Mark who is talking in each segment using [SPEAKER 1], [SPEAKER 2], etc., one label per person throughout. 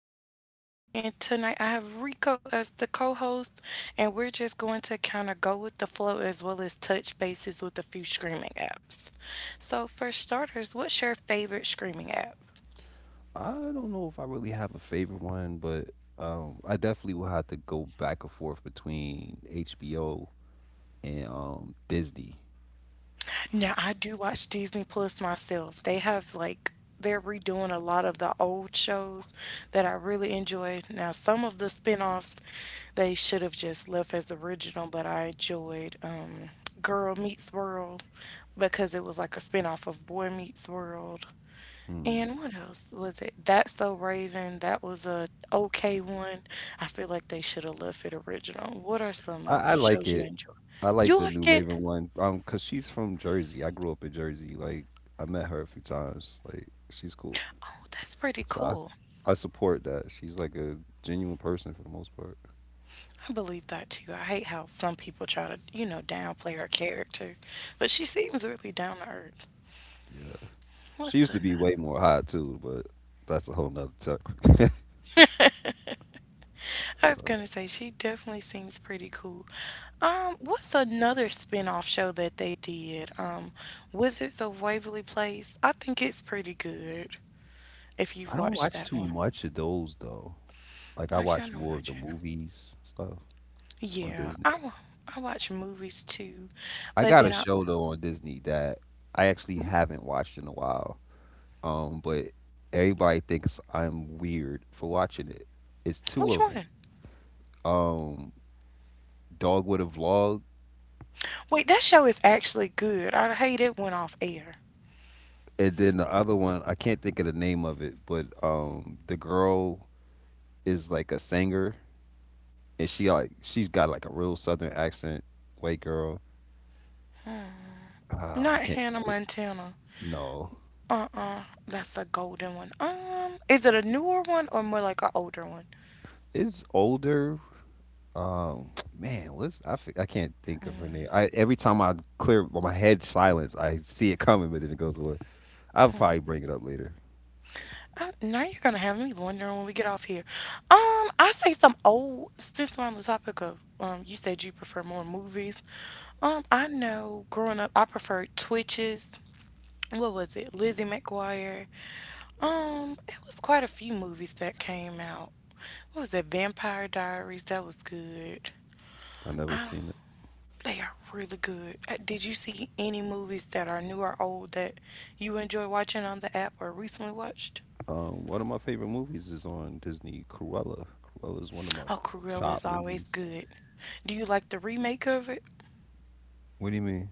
[SPEAKER 1] Hello, I'm Journey, and tonight I have Rico as the co-host, and we're just going to kind of go with the flow as well as touch bases with a few streaming apps. So for starters, what's your favorite streaming app?
[SPEAKER 2] I don't know if I really have a favorite one, but I definitely will have to go back and forth between HBO and Disney.
[SPEAKER 1] Now, I do watch Disney Plus myself. They have like they're redoing a lot of the old shows that I really enjoy. Now, some of the spin-offs they should have just left as original, but I enjoyed Girl Meets World because it was like a spin-off of Boy Meets World.
[SPEAKER 2] Hmm.
[SPEAKER 1] And what else was it? That's So Raven. That was a okay one. I feel like they should have left it original. What are
[SPEAKER 2] I,
[SPEAKER 1] some
[SPEAKER 2] I like
[SPEAKER 1] shows you
[SPEAKER 2] it.
[SPEAKER 1] enjoy?
[SPEAKER 2] I like
[SPEAKER 1] You
[SPEAKER 2] the new
[SPEAKER 1] like it?
[SPEAKER 2] Raven one. Cause she's from Jersey. I grew up in Jersey. Like I met her a few times. Like she's cool.
[SPEAKER 1] Oh, that's pretty
[SPEAKER 2] So I, s-
[SPEAKER 1] cool.
[SPEAKER 2] I support that. She's like a genuine person for the most part.
[SPEAKER 1] I believe that too. I hate how some people try to downplay her character, but she seems really down to earth.
[SPEAKER 2] Yeah. She
[SPEAKER 1] What's
[SPEAKER 2] used to be
[SPEAKER 1] another?
[SPEAKER 2] way more hot too, but that's a whole nother topic.
[SPEAKER 1] I was gonna say she definitely seems pretty cool. What's another spin-off show that they did? Wizards of Waverly Place. I think it's pretty good if
[SPEAKER 2] I
[SPEAKER 1] you've
[SPEAKER 2] don't
[SPEAKER 1] watched
[SPEAKER 2] watch
[SPEAKER 1] that
[SPEAKER 2] too
[SPEAKER 1] one.
[SPEAKER 2] much of those though. Like I
[SPEAKER 1] I
[SPEAKER 2] watch
[SPEAKER 1] kind of
[SPEAKER 2] more of the
[SPEAKER 1] watch it.
[SPEAKER 2] movies stuff on
[SPEAKER 1] Yeah,
[SPEAKER 2] Disney.
[SPEAKER 1] I watch movies too,
[SPEAKER 2] I
[SPEAKER 1] but
[SPEAKER 2] got a
[SPEAKER 1] then I.
[SPEAKER 2] show though on Disney that I actually
[SPEAKER 1] Mhm.
[SPEAKER 2] haven't watched in a while. But everybody thinks I'm weird for watching it. It's two
[SPEAKER 1] Which
[SPEAKER 2] of them.
[SPEAKER 1] one?
[SPEAKER 2] Um, Dog with a Vlog,
[SPEAKER 1] Wait, that show is actually good. I hate it went off air.
[SPEAKER 2] and then the other one I can't think of the name of it, but the girl is like a singer, and she's got like a real southern accent, white girl. Ah, I
[SPEAKER 1] Not
[SPEAKER 2] can't think
[SPEAKER 1] Hannah
[SPEAKER 2] of it.
[SPEAKER 1] Montana.
[SPEAKER 2] No,
[SPEAKER 1] Uh-uh. That's a golden one. Is it a newer one or more like an older one?
[SPEAKER 2] it's older. Um, Man, I can't think of her name. I Every time I clear, my head silence, I see it coming, but then it goes away. I'll probably bring it up later.
[SPEAKER 1] Now you're gonna have me wondering when we get off here. I say some old since we're on the topic of you said you prefer more movies. I know growing up I preferred Twitches. What was it? Lizzie McGuire. It was quite a few movies that came out. What was that? Vampire Diaries. That was good.
[SPEAKER 2] I never seen it.
[SPEAKER 1] They are really good. Did you see any movies that are new or old that you enjoy watching on the app or recently watched?
[SPEAKER 2] One of my favorite movies is on Disney. Cruella. Cruella is one of my
[SPEAKER 1] Oh, Cruella
[SPEAKER 2] top
[SPEAKER 1] is always
[SPEAKER 2] movies.
[SPEAKER 1] good. Do you like the remake of it?
[SPEAKER 2] What do you mean?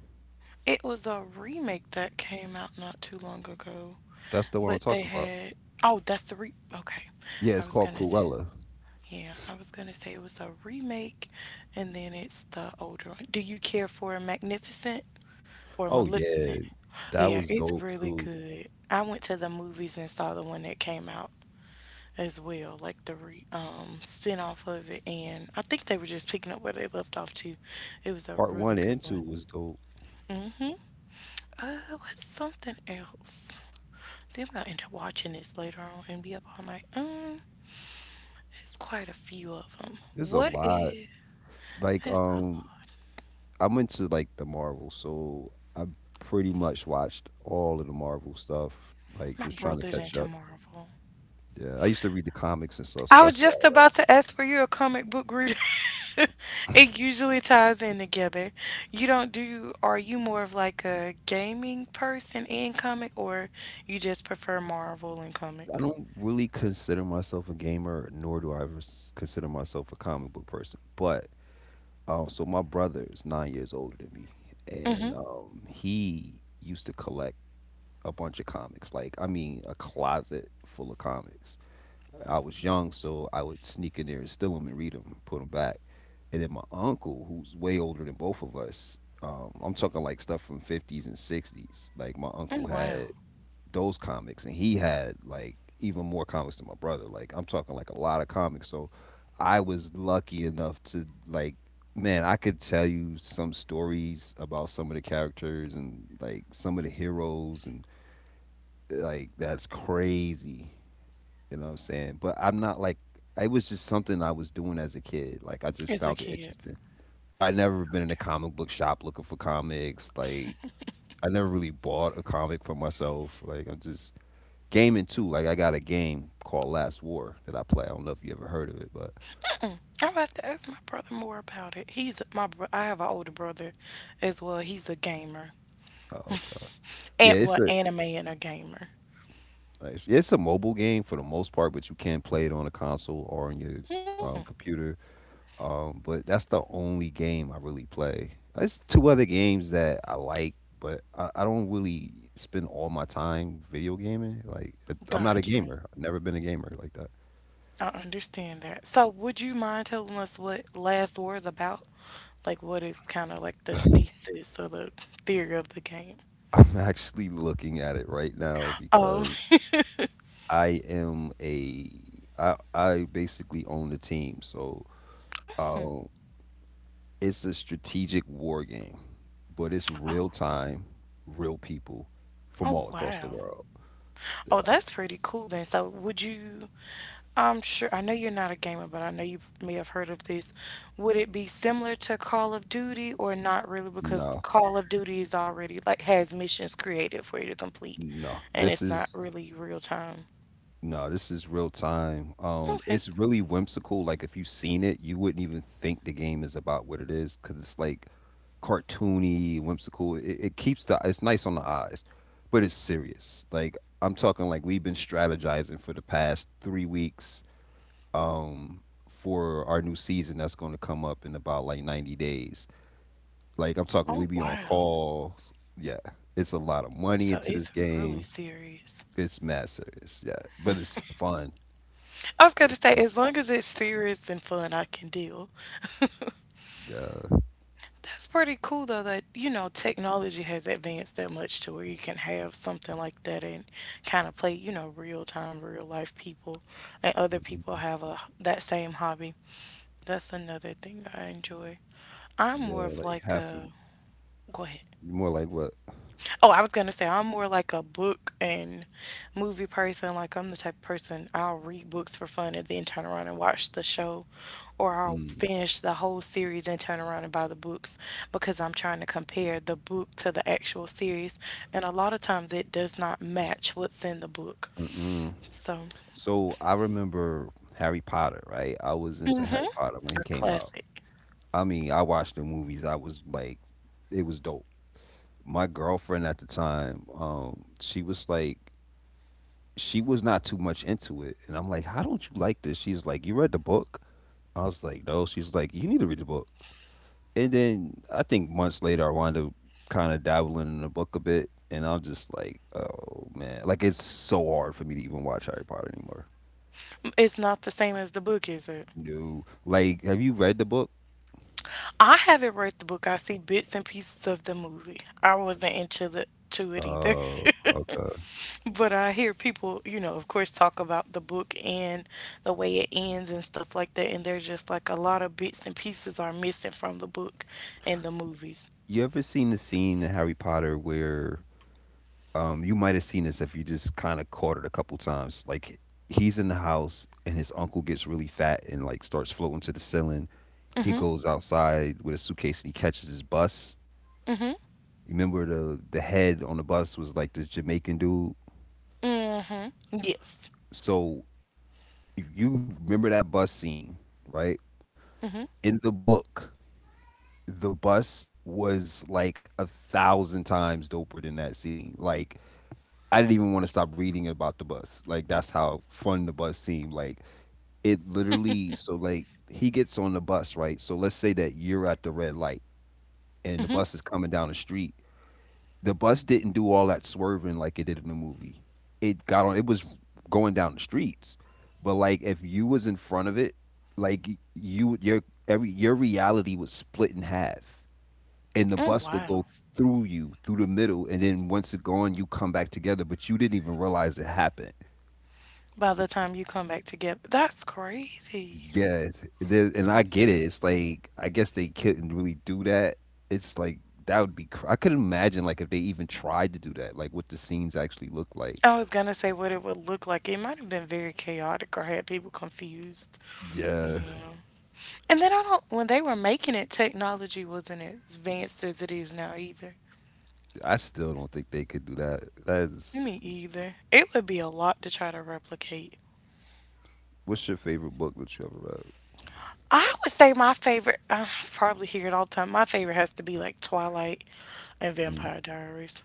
[SPEAKER 1] It was a remake that came out not too long ago,
[SPEAKER 2] That's the one I'm
[SPEAKER 1] but they
[SPEAKER 2] talking about.
[SPEAKER 1] had. Oh, that's the re okay.
[SPEAKER 2] Yeah,
[SPEAKER 1] I
[SPEAKER 2] it's
[SPEAKER 1] was
[SPEAKER 2] called
[SPEAKER 1] gonna say
[SPEAKER 2] Cruella.
[SPEAKER 1] yeah, I was gonna say it was a remake, and then it's the older one. Do you care for Magnificent? Or
[SPEAKER 2] Oh
[SPEAKER 1] Maleficent?
[SPEAKER 2] yeah, that
[SPEAKER 1] Yeah,
[SPEAKER 2] was
[SPEAKER 1] it's
[SPEAKER 2] dope
[SPEAKER 1] really
[SPEAKER 2] too.
[SPEAKER 1] good. I went to the movies and saw the one that came out as well, like the spin-off of it, and I think they were just picking up where they left off too. It was a
[SPEAKER 2] Part one
[SPEAKER 1] really good
[SPEAKER 2] and two
[SPEAKER 1] one.
[SPEAKER 2] was dope.
[SPEAKER 1] Mm-hmm. What's something else? See, I'm gonna end up watching this later on and be up all night. It's quite a few of them.
[SPEAKER 2] There's a
[SPEAKER 1] What
[SPEAKER 2] lot.
[SPEAKER 1] is?
[SPEAKER 2] Like
[SPEAKER 1] It's a,
[SPEAKER 2] um, I'm into like the Marvel, so I pretty much watched all of the Marvel stuff, like
[SPEAKER 1] my
[SPEAKER 2] just trying to
[SPEAKER 1] brother's
[SPEAKER 2] catch
[SPEAKER 1] into
[SPEAKER 2] up.
[SPEAKER 1] Marvel.
[SPEAKER 2] Yeah, I used to read the comics and stuff, so
[SPEAKER 1] I was
[SPEAKER 2] that's why
[SPEAKER 1] just
[SPEAKER 2] I read.
[SPEAKER 1] about to ask, were you a comic book reader? It usually ties in together. You don't do, Are you more of like a gaming person in comic or you just prefer Marvel and
[SPEAKER 2] I
[SPEAKER 1] comic?
[SPEAKER 2] don't really consider myself a gamer, nor do I ever consider myself a comic book person. But my brother is 9 years older than me,
[SPEAKER 1] Mm-hmm.
[SPEAKER 2] and he used to collect a bunch of comics. Like, I mean, a closet full of comics. I was young, so I would sneak in there and steal them and read them, put them back. And then my uncle, who's way older than both of us, I'm talking like stuff from 50s and 60s. Like my
[SPEAKER 1] Oh,
[SPEAKER 2] uncle
[SPEAKER 1] wow.
[SPEAKER 2] had those comics, and he had like even more comics than my brother. Like I'm talking like a lot of comics. So I was lucky enough to like, man, I could tell you some stories about some of the characters and like some of the heroes, and like that's crazy. You know what I'm saying? But I'm not like it was just something I was doing as a kid. Like I just
[SPEAKER 1] As a
[SPEAKER 2] found it
[SPEAKER 1] kid.
[SPEAKER 2] interesting. But I never been in a comic book shop looking for comics. Like I never really bought a comic for myself. Like I'm just gaming too. Like I got a game called Last War that I play. I don't know if you ever heard of it, but
[SPEAKER 1] I'll have to ask my brother more about it. I have an older brother as well. He's a gamer.
[SPEAKER 2] oh god, yeah,
[SPEAKER 1] And
[SPEAKER 2] it's
[SPEAKER 1] well,
[SPEAKER 2] a
[SPEAKER 1] anime and a gamer.
[SPEAKER 2] it's a mobile game for the most part, but you can play it on a console or on your computer. But that's the only game I really play. It's two other games that I like, but I don't really spend all my time video gaming. Like, I'm not a
[SPEAKER 1] Gotcha.
[SPEAKER 2] gamer. I've never been a gamer like that.
[SPEAKER 1] I understand that. So, would you mind telling us what Last War is about? Like, what is kind of like the thesis or the theory of the game?
[SPEAKER 2] I'm actually looking at it right now
[SPEAKER 1] Oh,
[SPEAKER 2] because I am a I basically own the team. So,
[SPEAKER 1] oh,
[SPEAKER 2] um, it's a strategic war game, but it's real
[SPEAKER 1] oh,
[SPEAKER 2] time, real people from
[SPEAKER 1] oh,
[SPEAKER 2] all across the
[SPEAKER 1] wow.
[SPEAKER 2] world.
[SPEAKER 1] Oh,
[SPEAKER 2] Yeah.
[SPEAKER 1] that's pretty cool then. So, would you, I'm sure, I know you're not a gamer, but I know you may have heard of this. Would it be similar to Call of Duty or not really? Because
[SPEAKER 2] No,
[SPEAKER 1] Call of Duty is already like has missions created for you to complete,
[SPEAKER 2] no.
[SPEAKER 1] and
[SPEAKER 2] This
[SPEAKER 1] it's not
[SPEAKER 2] is
[SPEAKER 1] really real time.
[SPEAKER 2] No, this is real time.
[SPEAKER 1] Okay.
[SPEAKER 2] It's really whimsical. Like if you've seen it, you wouldn't even think the game is about what it is because it's like cartoony, whimsical. It keeps the it's nice on the eyes, but it's serious. Like I'm talking like we've been strategizing for the past 3 weeks, um, for our new season that's going to come up in about like 90 days. Like I'm talking, we
[SPEAKER 1] Oh,
[SPEAKER 2] be on
[SPEAKER 1] wow.
[SPEAKER 2] calls. Yeah, it's a lot of money
[SPEAKER 1] So
[SPEAKER 2] into this
[SPEAKER 1] it's really
[SPEAKER 2] game.
[SPEAKER 1] serious.
[SPEAKER 2] It's mad serious. Yeah, but it's fun.
[SPEAKER 1] I was gonna
[SPEAKER 2] It's
[SPEAKER 1] say,
[SPEAKER 2] fun.
[SPEAKER 1] as long as it's serious and fun, I can deal.
[SPEAKER 2] Yeah.
[SPEAKER 1] That's pretty cool though that, technology has advanced that much to where you can have something like that and kind of play, real time, real life people and other people
[SPEAKER 2] Mhm.
[SPEAKER 1] have a that same hobby. That's another thing I enjoy. I'm more
[SPEAKER 2] Yeah,
[SPEAKER 1] of
[SPEAKER 2] like
[SPEAKER 1] like
[SPEAKER 2] half of
[SPEAKER 1] a. Go ahead.
[SPEAKER 2] More like what?
[SPEAKER 1] Oh, I was gonna say I'm more like a book and movie person. Like I'm the type of person I'll read books for fun and then turn around and watch the show, or I'll
[SPEAKER 2] Mm,
[SPEAKER 1] finish the whole series and turn around and buy the books because I'm trying to compare the book to the actual series, and a lot of times it does not match what's in the book.
[SPEAKER 2] mm-mm.
[SPEAKER 1] So
[SPEAKER 2] So I remember Harry Potter, right? I was into Harry Potter when he
[SPEAKER 1] a
[SPEAKER 2] came out.
[SPEAKER 1] classic.
[SPEAKER 2] I mean, I watched the movies. I was like, it was dope. My girlfriend at the time, she was like, she was not too much into it, and I'm like, how don't you like this? She's like, you read the book? I was like, no. She's like, you need to read the book. And then I think months later I wound up kind of dabbling in the book a bit, and I'm just like, oh man, like it's so hard for me to even watch Harry Potter anymore.
[SPEAKER 1] It's not the same as the book, is it?
[SPEAKER 2] No, like, have you read the book?
[SPEAKER 1] I haven't read the book. I see bits and pieces of the movie. I wasn't into the to it either.
[SPEAKER 2] Oh, okay.
[SPEAKER 1] But I hear people, of course, talk about the book and the way it ends and stuff like that. And there's just like a lot of bits and pieces are missing from the book and the movies.
[SPEAKER 2] You ever seen the scene in Harry Potter where you might have seen this if you just kind of caught it a couple times? Like he's in the house and his uncle gets really fat and like starts floating to the ceiling. He goes outside with a suitcase and he catches his bus.
[SPEAKER 1] Hmm.
[SPEAKER 2] Remember, the head on the bus was like this Jamaican dude.
[SPEAKER 1] Yes.
[SPEAKER 2] So if you remember that bus scene, right? In the book, the bus was like a thousand times doper than that scene. Like I didn't even want to stop reading about the bus. Like that's how fun the bus seemed. Like it literally, he gets on the bus, right? So let's say that you're at the red light and the bus is coming down the street. The bus didn't do all that swerving like it did in the movie. It got on. It was going down the streets, but like if you was in front of it, like your reality was split in half, and the
[SPEAKER 1] Oh,
[SPEAKER 2] bus would
[SPEAKER 1] wow.
[SPEAKER 2] go through you through the middle, and then once it gone, you come back together, but you didn't even realize it happened.
[SPEAKER 1] By the time you come back together, that's crazy.
[SPEAKER 2] Yeah, and I get it. It's like I guess they couldn't really do that. It's like That would be I could imagine like if they even tried to do that, like what the scenes actually look like.
[SPEAKER 1] I was gonna say what it would look like. It might have been very chaotic or had people confused.
[SPEAKER 2] Yeah.
[SPEAKER 1] Yeah. And then I don't, when they were making it, technology wasn't as advanced as it is now either.
[SPEAKER 2] I still don't think they could do that.
[SPEAKER 1] Me either. It would be a lot to try to replicate.
[SPEAKER 2] What's your favorite book that you ever
[SPEAKER 1] I would say my favorite, I probably hear it all the time. My favorite has to be like Twilight and
[SPEAKER 2] read? Mm,
[SPEAKER 1] Vampire Diaries.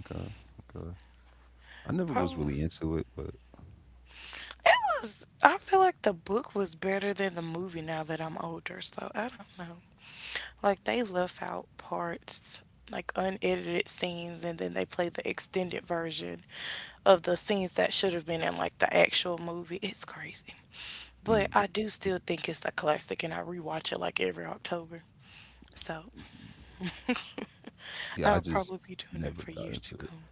[SPEAKER 2] okay, okay. I never was
[SPEAKER 1] Probably.
[SPEAKER 2] really into it, but
[SPEAKER 1] It I feel like the book was better than the movie now that I'm older, so I don't know. Like they left out parts, like unedited scenes, and then they played the extended version of the scenes that should have been in like the actual movie. It's crazy. But
[SPEAKER 2] hmm.
[SPEAKER 1] I do still think it's a classic and I rewatch it like every October. So
[SPEAKER 2] Yeah, I
[SPEAKER 1] I'll probably
[SPEAKER 2] just
[SPEAKER 1] be doing it
[SPEAKER 2] never
[SPEAKER 1] for
[SPEAKER 2] got
[SPEAKER 1] years to
[SPEAKER 2] into it.
[SPEAKER 1] come.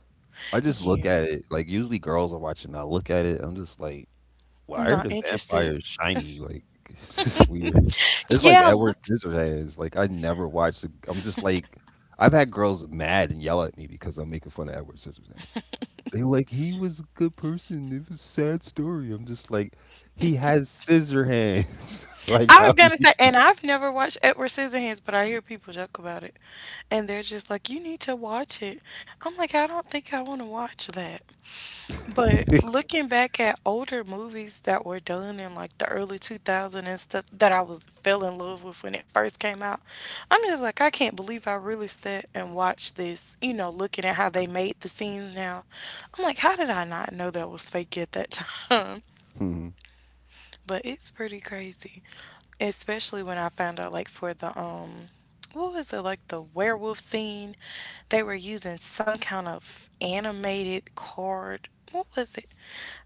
[SPEAKER 2] I just look
[SPEAKER 1] Yeah,
[SPEAKER 2] at it like usually girls are watching. I look at it. I'm just like, why are
[SPEAKER 1] not
[SPEAKER 2] the
[SPEAKER 1] interested.
[SPEAKER 2] vampires shiny? Like it's just weird. It's like
[SPEAKER 1] Yeah,
[SPEAKER 2] Edward
[SPEAKER 1] look,
[SPEAKER 2] Scissorhands. Like I never watched. The, I'm just like I've had girls mad and yell at me because I'm making fun of Edward Scissorhands. They like he was a good person. It was a sad story. I'm just like he has scissor hands. Like
[SPEAKER 1] I
[SPEAKER 2] how
[SPEAKER 1] was
[SPEAKER 2] do
[SPEAKER 1] gonna
[SPEAKER 2] you?
[SPEAKER 1] say, and I've never watched Edward Scissorhands, but I hear people joke about it, and they're just like, "You need to watch it." I'm like, I don't think I want to watch that. But looking back at older movies that were done in like the early 2000s and stuff that I was fell in love with when it first came out, I'm just like, I can't believe I really sat and watched this. You know, looking at how they made the scenes now, I'm like, how did I not know that was fake at that time?
[SPEAKER 2] Mhm,
[SPEAKER 1] But it's pretty crazy, especially when I found out like for the what was it like the werewolf scene, they were using some kind of animated card. What was it?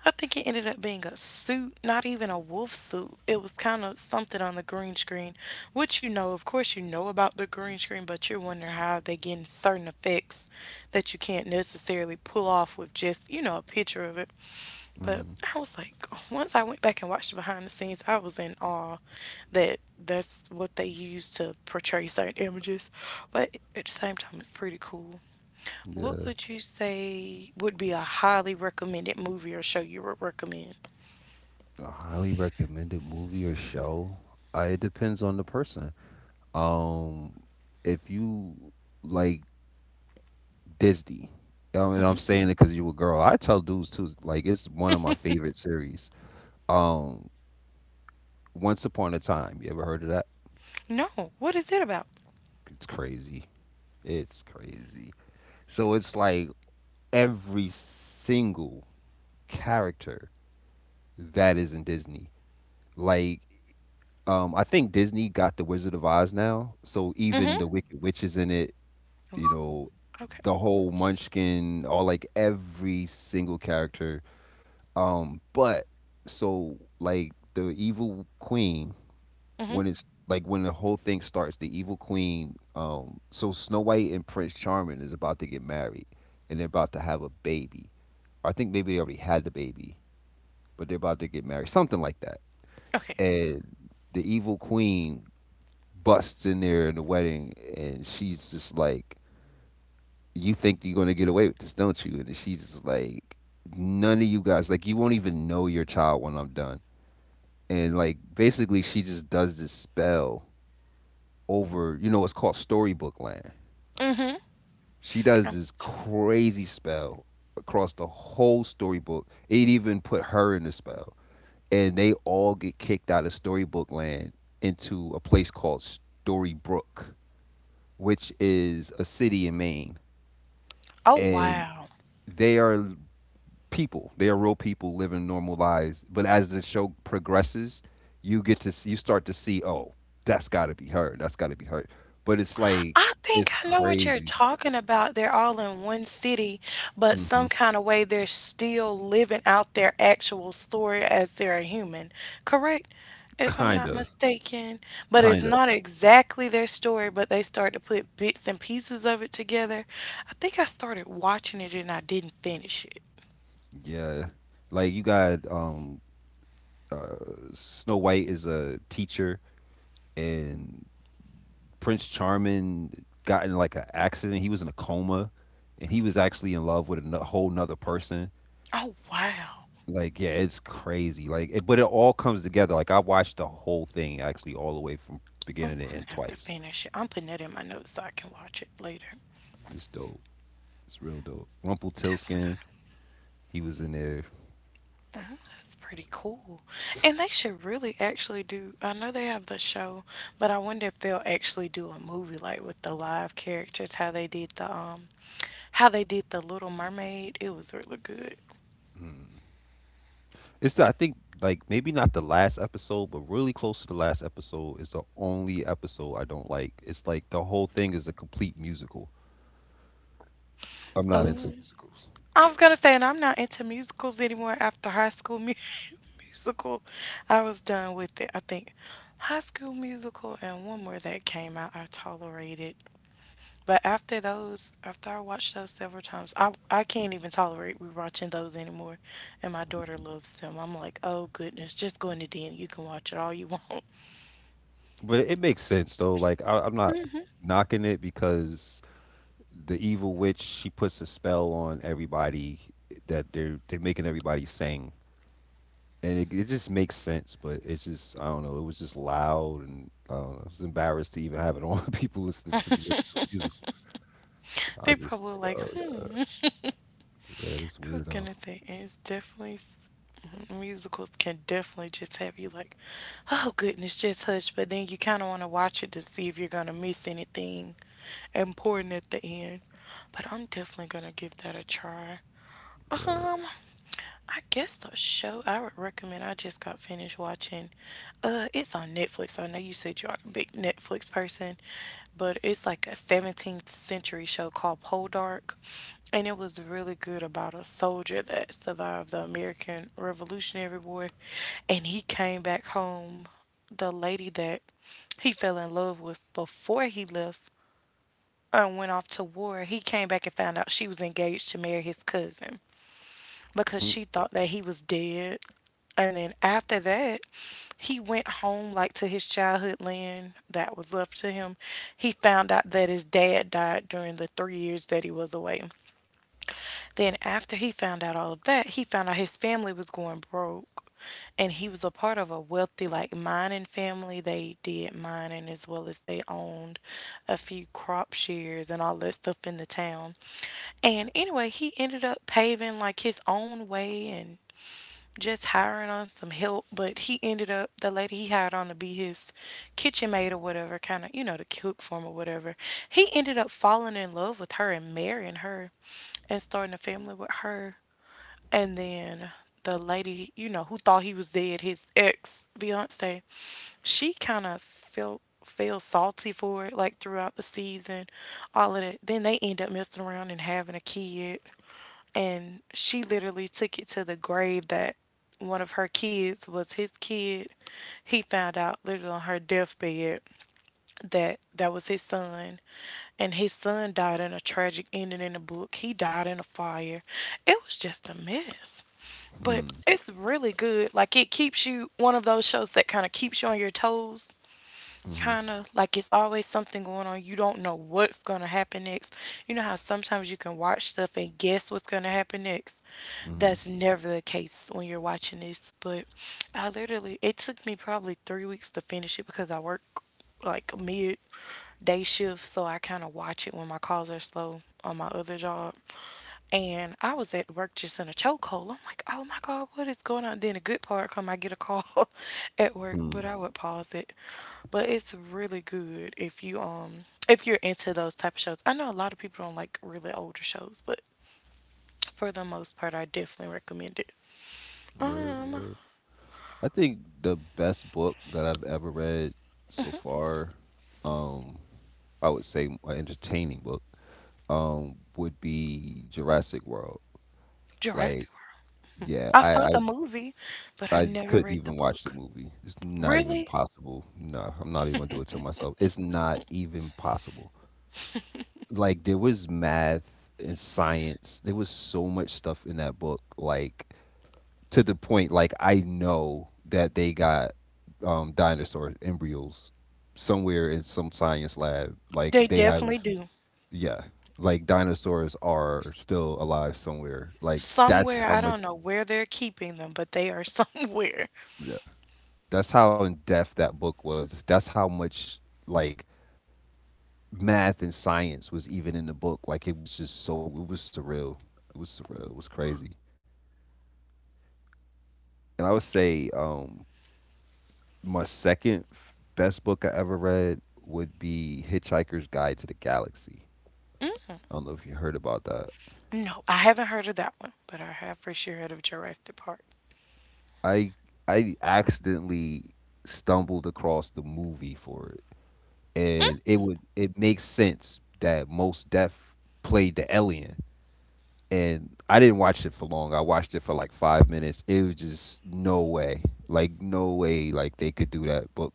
[SPEAKER 1] I think it ended up being a suit, not even a wolf suit. It was kind of something on the green screen, which of course, you know about the green screen, but you're wondering how they getting certain effects that you can't necessarily pull off with just, a picture of it. But
[SPEAKER 2] mhm.
[SPEAKER 1] I was like, once I went back and watched the behind the scenes, I was in awe that that's what they use to portray certain images. But at the same time, it's pretty cool. What
[SPEAKER 2] Yeah,
[SPEAKER 1] would you say would be a highly recommended movie or show you would recommend?
[SPEAKER 2] a highly recommended movie or show. It depends on the person. Um, if you like Disney. And I'm saying it because you a girl. I tell dudes too. Like it's one of my favorite series. Um, Once Upon a Time. You ever heard of that?
[SPEAKER 1] No, what is it about?
[SPEAKER 2] It's crazy. It's crazy. So it's like every single character that is in Disney. Like I think Disney got the Wizard of Oz now, so
[SPEAKER 1] Mm-hmm.
[SPEAKER 2] even the Wicked Witch is in it. You know,
[SPEAKER 1] Okay.
[SPEAKER 2] the whole Munchkin, all like every single character. But So like the evil queen,
[SPEAKER 1] Mm-hmm.
[SPEAKER 2] when it's like when the whole thing starts, the evil queen, so Snow White and Prince Charming is about to get married and they're about to have a baby. I think maybe they already had the baby, but they're about to get married, something like that.
[SPEAKER 1] Okay.
[SPEAKER 2] And the evil queen busts in there in the wedding and she's just like, you think you're gonna get away with this, don't you? And she's just like, none of you guys, like you won't even know your child when I'm done, and like basically she just does this spell over, you know, it's called storybook land.
[SPEAKER 1] Mm-hmm.
[SPEAKER 2] She does
[SPEAKER 1] Um,
[SPEAKER 2] this crazy spell across the whole storybook. It even put her in the spell, and they all get kicked out of storybook land into a place called Storybrook, which is a city in Maine,
[SPEAKER 1] Oh,
[SPEAKER 2] and
[SPEAKER 1] wow.
[SPEAKER 2] they are people. They are real people living normal lives. But as the show progresses, you get to see, you start to see, oh, that's got to be her. That's got to be her. But it's like
[SPEAKER 1] I think
[SPEAKER 2] it's
[SPEAKER 1] I know what you're
[SPEAKER 2] crazy.
[SPEAKER 1] talking about. They're all in one city, but
[SPEAKER 2] Hmm.
[SPEAKER 1] some kind of way they're still living out their actual story as they're a human, correct? If I'm not
[SPEAKER 2] Kinda,
[SPEAKER 1] mistaken. But it's
[SPEAKER 2] kinda.
[SPEAKER 1] not exactly their story, but they start to put bits and pieces of it together. I think I started watching it and I didn't finish it.
[SPEAKER 2] Yeah, like you got uh, Snow White is a teacher, and Prince Charming got in like an accident. He was in a coma, and he was actually in love with a whole nother person.
[SPEAKER 1] Oh, wow.
[SPEAKER 2] Like, yeah, it's crazy. Like, but it all comes together. Like, I watched the whole thing actually, all the way from
[SPEAKER 1] I'm
[SPEAKER 2] beginning to
[SPEAKER 1] gonna
[SPEAKER 2] end
[SPEAKER 1] have to
[SPEAKER 2] twice.
[SPEAKER 1] finish it. I'm putting that in my notes so I can watch it later.
[SPEAKER 2] It's dope. It's real dope.
[SPEAKER 1] Definitely
[SPEAKER 2] Rumpelstiltskin,
[SPEAKER 1] gonna.
[SPEAKER 2] he was in there.
[SPEAKER 1] That's pretty cool. And they should really actually do, I know they have the show, but I wonder if they'll actually do a movie like with the live characters, how they did the Little Mermaid. It was really good.
[SPEAKER 2] Mm. It's I think like maybe not the last episode, but really close to the last episode is the only episode I don't like. It's like the whole thing is a complete musical. I'm not into
[SPEAKER 1] Oh,
[SPEAKER 2] musicals,
[SPEAKER 1] I was gonna say, and I'm not into musicals anymore after High School Musical. I was done with it. I think High School Musical and one more that came out I tolerated. But after I watched those several times, I can't even tolerate rewatching those anymore. And my daughter loves them. I'm like, oh goodness, just go in the den. You can watch it all you want.
[SPEAKER 2] but it makes sense though. Like, I'm not knocking it because the evil witch she puts a spell on everybody that they're making everybody sing, and it just makes sense. But it's just I don't know. It was just loud, and I don't know. I was embarrassed to even have it on. People listen to me listen to the music. I
[SPEAKER 1] They
[SPEAKER 2] just
[SPEAKER 1] probably
[SPEAKER 2] like,
[SPEAKER 1] like,
[SPEAKER 2] oh
[SPEAKER 1] hmm.
[SPEAKER 2] yeah, this
[SPEAKER 1] I was
[SPEAKER 2] weird off.
[SPEAKER 1] gonna say it's musicals can definitely just have you like, oh goodness, just hush. But then you kind of want to watch it to see if you're gonna miss anything important at the end. But I'm definitely gonna give that a try.
[SPEAKER 2] Yeah.
[SPEAKER 1] Um. I guess the show I would recommend I just got finished watching, it's on Netflix. I know you said you are a big Netflix person, but it's like a 17th century show called Poldark, and it was really good about a soldier that survived the American Revolutionary War, and he came back home. The lady that he fell in love with before he left and went off to war, he came back and found out she was engaged to marry his cousin
[SPEAKER 2] Mm.
[SPEAKER 1] because she thought that he was dead. And then after that, he went home like to his childhood land that was left to him. He found out that his dad died during the 3 years that he was away. Then, after he found out all of that, he found out his family was going broke. And he was a part of a wealthy, like mining family. They did mining as well as they owned a few crop shares and all that stuff in the town. And anyway, he ended up paving like his own way and just hiring on some help, but he ended up the lady he hired on to be his kitchen maid or whatever, kind of you know to cook for him or whatever. He ended up falling in love with her and marrying her, and starting a family with her. And then the lady you know who thought he was dead, his ex fiance, she kind of felt feel salty for it like throughout the season all of that then they end up messing around and having a kid, and she literally took it to the grave that one of her kids was his kid. He found out literally on her deathbed that that was his son, and his son died in a tragic ending in the book. He died in a fire. It was just a mess. But
[SPEAKER 2] Hmm.
[SPEAKER 1] it's really good. Like it keeps you one of those shows that kind of keeps you on your toes,
[SPEAKER 2] Hmm.
[SPEAKER 1] kind of like it's always something going on. You don't know what's going to happen next. You know how sometimes you can watch stuff and guess what's going to happen next?
[SPEAKER 2] Hmm.
[SPEAKER 1] That's never the case when you're watching this. But I literally, it took me probably 3 weeks to finish it because I work like mid day shift. So I kind of watch it when my calls are slow on my other job. And I was at work just in a chokehold. I'm like, oh my God, what is going on? Then the good part come, I get a call at work,
[SPEAKER 2] Hmm.
[SPEAKER 1] but I would pause it. But it's really good if you if you're into those type of shows. I know a lot of people don't like really older shows, but for the most part, I definitely recommend it.
[SPEAKER 2] Word.
[SPEAKER 1] Um,
[SPEAKER 2] Word. I think the best book that I've ever read so far, um, I would say an entertaining book. Would be Jurassic World.
[SPEAKER 1] Jurassic
[SPEAKER 2] Like,
[SPEAKER 1] World.
[SPEAKER 2] yeah,
[SPEAKER 1] I saw
[SPEAKER 2] I
[SPEAKER 1] the movie, but
[SPEAKER 2] I,
[SPEAKER 1] I
[SPEAKER 2] I
[SPEAKER 1] never
[SPEAKER 2] couldn't
[SPEAKER 1] read the
[SPEAKER 2] even watch the
[SPEAKER 1] book.
[SPEAKER 2] movie. It's not even
[SPEAKER 1] Really?
[SPEAKER 2] possible. No, I'm not even gonna do it to myself. It's not even possible. Like there was math and science. There was so much stuff in that book, like to the point like I know that they got dinosaur embryos somewhere in some science lab. Like
[SPEAKER 1] They
[SPEAKER 2] they
[SPEAKER 1] definitely
[SPEAKER 2] have
[SPEAKER 1] do.
[SPEAKER 2] yeah, like dinosaurs are still alive somewhere. Like
[SPEAKER 1] Somewhere,
[SPEAKER 2] that's how
[SPEAKER 1] I don't
[SPEAKER 2] much
[SPEAKER 1] know where they're keeping them, but they are somewhere.
[SPEAKER 2] yeah. That's how in depth that book was. That's how much like math and science was even in the book. Like it was just so it was surreal. It was surreal. It was crazy. And I would say my best book I ever read would be Hitchhiker's Guide to the Galaxy. I don't know if you heard about that.
[SPEAKER 1] No, I haven't heard of that one, but I have for sure heard of Jurassic Park.
[SPEAKER 2] I I accidentally stumbled across the movie for it and it would it makes sense that most Def played the alien. And I didn't watch it for long. I watched it for like five minutes. It was just no way, like no way, like they could do that book.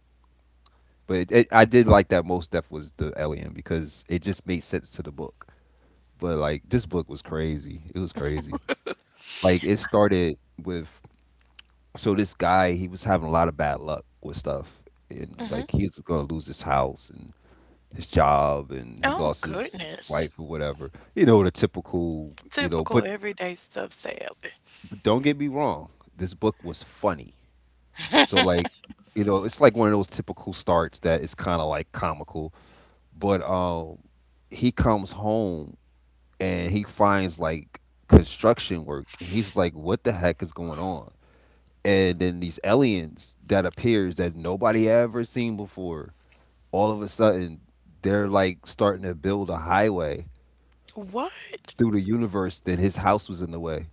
[SPEAKER 2] But I did like that most Def was the alien because it just made sense to the book. But like this book was crazy. It was crazy. Like it started with so this guy he was having a lot of bad luck with stuff and like he was gonna lose his house and his job and he
[SPEAKER 1] Oh,
[SPEAKER 2] lost his
[SPEAKER 1] goodness.
[SPEAKER 2] wife or whatever. You know, the typical, you know,
[SPEAKER 1] Typical everyday stuff, sadly.
[SPEAKER 2] but don't get me wrong, this book was funny. So like, you know, it's like one of those typical starts that is kind of like comical, but he comes home and he finds like construction work. He's like what the heck is going on? And then these aliens that appears that nobody ever seen before, all of a sudden they're like starting to build a highway
[SPEAKER 1] What?
[SPEAKER 2] through the universe that his house was in the way,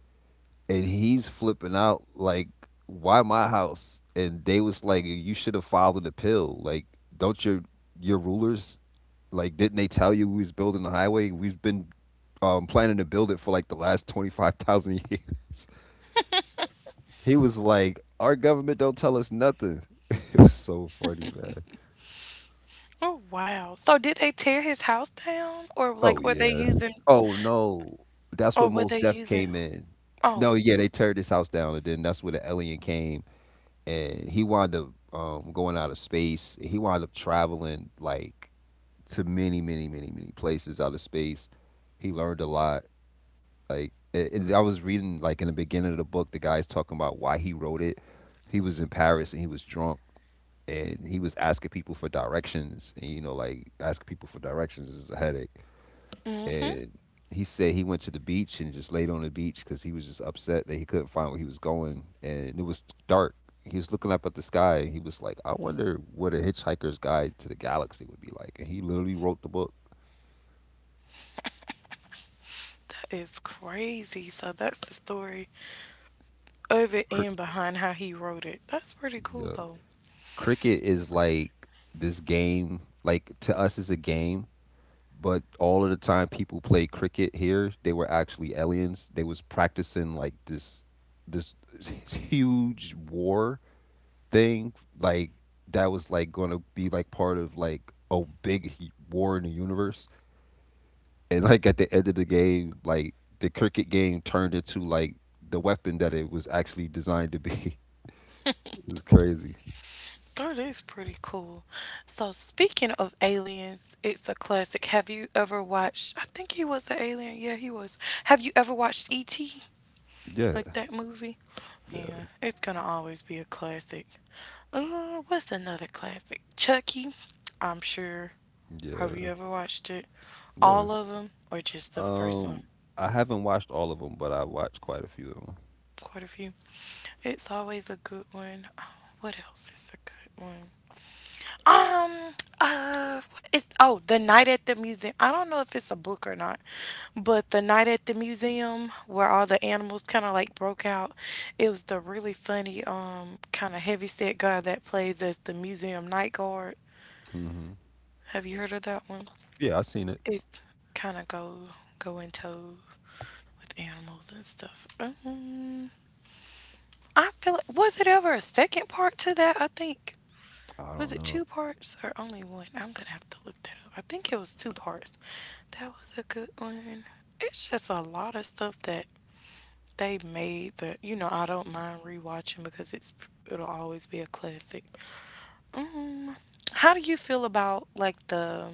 [SPEAKER 2] and he's flipping out like, "Why my house?" And they was like, "You should have filed an appeal. Like, don't your rulers like didn't they tell you we was building the highway? We've been planning to build it for like the last 25,000 years." He was like, "Our government don't tell us nothing." It was so funny, man.
[SPEAKER 1] Oh, wow. So did they tear his house down or
[SPEAKER 2] Oh
[SPEAKER 1] like were they
[SPEAKER 2] yeah.
[SPEAKER 1] using
[SPEAKER 2] Oh no. That's
[SPEAKER 1] or
[SPEAKER 2] when
[SPEAKER 1] were they
[SPEAKER 2] most deaf
[SPEAKER 1] using?
[SPEAKER 2] came in.
[SPEAKER 1] Oh,
[SPEAKER 2] No, yeah, they teared his house down, and then that's where the alien came. And he wound up going out of space. He wound up traveling like to many, many, many, many places out of space. He learned a lot. I was reading like in the beginning of the book, the guy's talking about why he wrote it. He was in Paris and he was drunk and he was asking people for directions and you know like asking people for directions is a headache
[SPEAKER 1] mm,
[SPEAKER 2] and he said he went to the beach and just laid on the beach because he was just upset that he couldn't find where he was going and it was dark. He was looking up at the sky and he was like I wonder what a Hitchhiker's Guide to the Galaxy would be like, and he literally wrote the book.
[SPEAKER 1] that is crazy. So that's the story of it
[SPEAKER 2] Cr-
[SPEAKER 1] and behind how he wrote it. That's pretty cool
[SPEAKER 2] yeah.
[SPEAKER 1] though.
[SPEAKER 2] Cricket is like this game, like to us it's a game, but all of the time people play cricket here they were actually aliens. They was practicing like this huge war thing like that was like going to be like part of like a war in the universe, and like at the end of the game, like the cricket game turned into like the weapon that it was actually designed to be. It was crazy.
[SPEAKER 1] Oh, that's pretty cool. So, speaking of aliens, it's a classic. Have you ever watched? I think he was an alien. Yeah, he was. Have you ever watched E.T.?
[SPEAKER 2] Yeah.
[SPEAKER 1] Like that movie?
[SPEAKER 2] Yeah.
[SPEAKER 1] Yeah, it's gonna always be a classic. What's another classic? Chucky. I'm sure. Have
[SPEAKER 2] Yeah.
[SPEAKER 1] you ever watched it?
[SPEAKER 2] Yeah.
[SPEAKER 1] All of them, or just the first
[SPEAKER 2] um
[SPEAKER 1] one?
[SPEAKER 2] I haven't watched all of them, but I watched quite a few of
[SPEAKER 1] Quite a few. It's always a good one. Oh, what else is a good one? What is, oh, The Night at the Museum. I don't know if it's a book or not, but The Night at the Museum, where all the animals kind of like broke out, it was the really funny, kind of heavy set guy that plays as the museum night guard.
[SPEAKER 2] them. Hmm.
[SPEAKER 1] Have you heard of that one?
[SPEAKER 2] Yeah, I seen it.
[SPEAKER 1] It's kind of go in tow with animals and stuff. I feel, like was it ever a second part to that? I think.
[SPEAKER 2] I
[SPEAKER 1] Was
[SPEAKER 2] don't
[SPEAKER 1] it two
[SPEAKER 2] know.
[SPEAKER 1] parts or only one? I'm gonna have to look that up. I think it was two parts. That was a good one. It's just a lot of stuff that they made that you know I don't mind rewatching because it's it'll always be a classic. Um, how do you feel about like the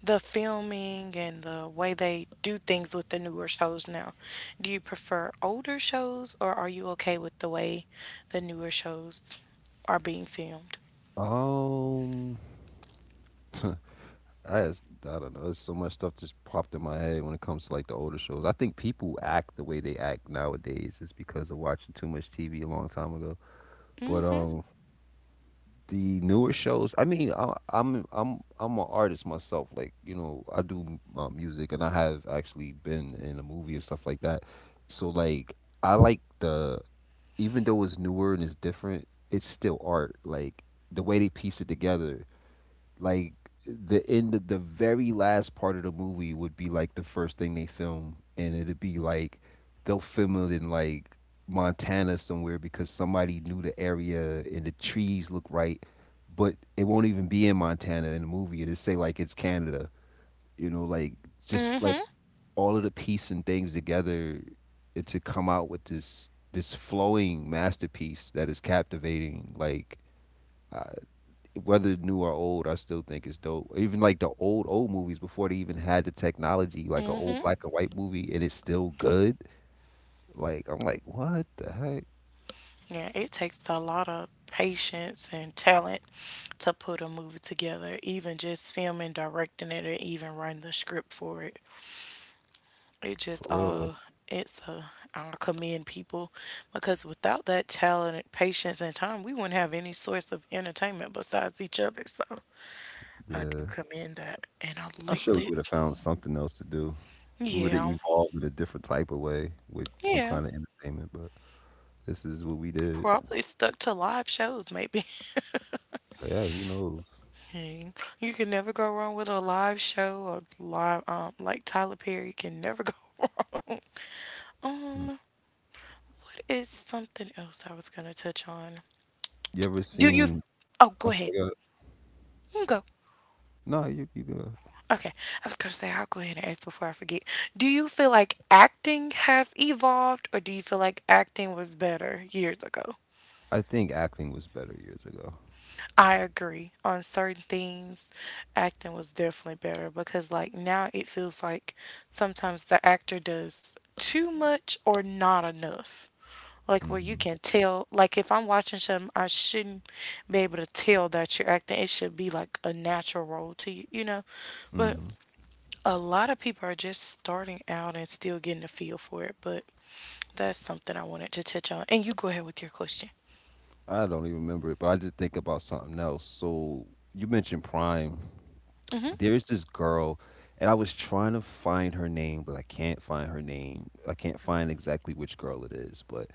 [SPEAKER 1] the filming and the way they do things with the newer shows now? Do you prefer older shows or are you okay with the way the newer shows are being filmed?
[SPEAKER 2] um I just, I don't know. There's so much stuff just popped in my head when it comes to like the older shows. I think people act the way they act nowadays is because of watching too much TV a long time ago. But
[SPEAKER 1] Mhm.
[SPEAKER 2] the newer shows. I mean, I, I'm an artist myself. Like you know, I do music, and I have actually been in a movie and stuff like that. So like, I like the even though it's newer and it's different, it's still art. Like the way they piece it together like the end of the very last part of the movie would be like the first thing they film, and it'd be like they'll film it in like Montana somewhere because somebody knew the area and the trees look right, but it won't even be in Montana in the movie. It'll say like it's Canada. You know, like just like
[SPEAKER 1] Mhm.
[SPEAKER 2] all of the piece and things together it to come out with this flowing masterpiece that is captivating. Like uh, whether new or old, I still think it's dope. Even like the old old movies before they even had the technology, like an old
[SPEAKER 1] Hmm.
[SPEAKER 2] black and white movie, and it's still good. Like I'm like, what the heck?
[SPEAKER 1] Yeah, it takes a lot of patience and talent to put a movie together, even just filming, directing it, or even writing the script for it. It
[SPEAKER 2] For
[SPEAKER 1] just
[SPEAKER 2] real though.
[SPEAKER 1] it's I commend people because without that talent, and patience, and time, we wouldn't have any source of entertainment besides each other. So I
[SPEAKER 2] Yeah,
[SPEAKER 1] do commend that. And I
[SPEAKER 2] I sure we would
[SPEAKER 1] lately,
[SPEAKER 2] have found something else to do. We would have
[SPEAKER 1] yeah,
[SPEAKER 2] evolved in a different type of way with some
[SPEAKER 1] yeah,
[SPEAKER 2] kind of entertainment, but this is what we did.
[SPEAKER 1] probably stuck to live shows maybe.
[SPEAKER 2] Yeah, who knows?
[SPEAKER 1] Hey, you can never go wrong with a live show or live, like Tyler Perry. You can never go wrong.
[SPEAKER 2] Mm.
[SPEAKER 1] What is something else I was gonna touch on?
[SPEAKER 2] You ever
[SPEAKER 1] Do you?
[SPEAKER 2] seen?
[SPEAKER 1] Oh, go
[SPEAKER 2] I'm
[SPEAKER 1] ahead.
[SPEAKER 2] sorry.
[SPEAKER 1] You can go.
[SPEAKER 2] No, you good.
[SPEAKER 1] Okay, I was gonna say I'll go ahead and ask before I forget. Do you feel like acting has evolved, or do you feel like acting was better years ago?
[SPEAKER 2] I think acting was better years ago.
[SPEAKER 1] I agree. On certain things, acting was definitely better because, like, now it feels like sometimes the actor does too much or not enough. Like, where you
[SPEAKER 2] Hmm.
[SPEAKER 1] can tell, like, if I'm watching something, I shouldn't be able to tell that you're acting. It should be like a natural role to you, you know? But
[SPEAKER 2] Hmm.
[SPEAKER 1] a lot of people are just starting out and still getting a feel for it. But that's something I wanted to touch on. And you go ahead with your question.
[SPEAKER 2] I don't even remember it, but I did think about something else. So you mentioned Prime. There is this girl, and I was trying to find her name, but I can't find her name. I can't find exactly which girl it is. But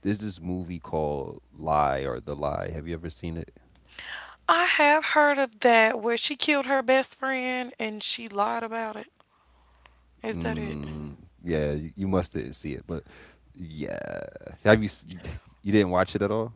[SPEAKER 2] there's this movie called Lie or The Lie. Have you ever seen it?
[SPEAKER 1] I have heard of that where she killed her best friend and she lied about it. Is that it?
[SPEAKER 2] Mm, yeah, you must didn't see it, but yeah. Have you? You didn't watch it at all?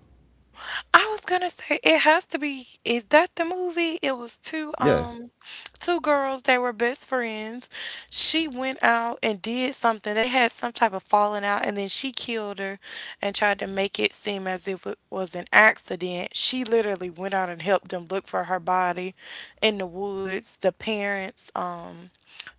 [SPEAKER 1] I was gonna say it has to be. Is that the movie? It was two
[SPEAKER 2] Yeah.
[SPEAKER 1] two girls. They were best friends. She went out and did something. They had some type of falling out, and then she killed her and tried to make it seem as if it was an accident. She literally went out and helped them look for her body in the woods. The parents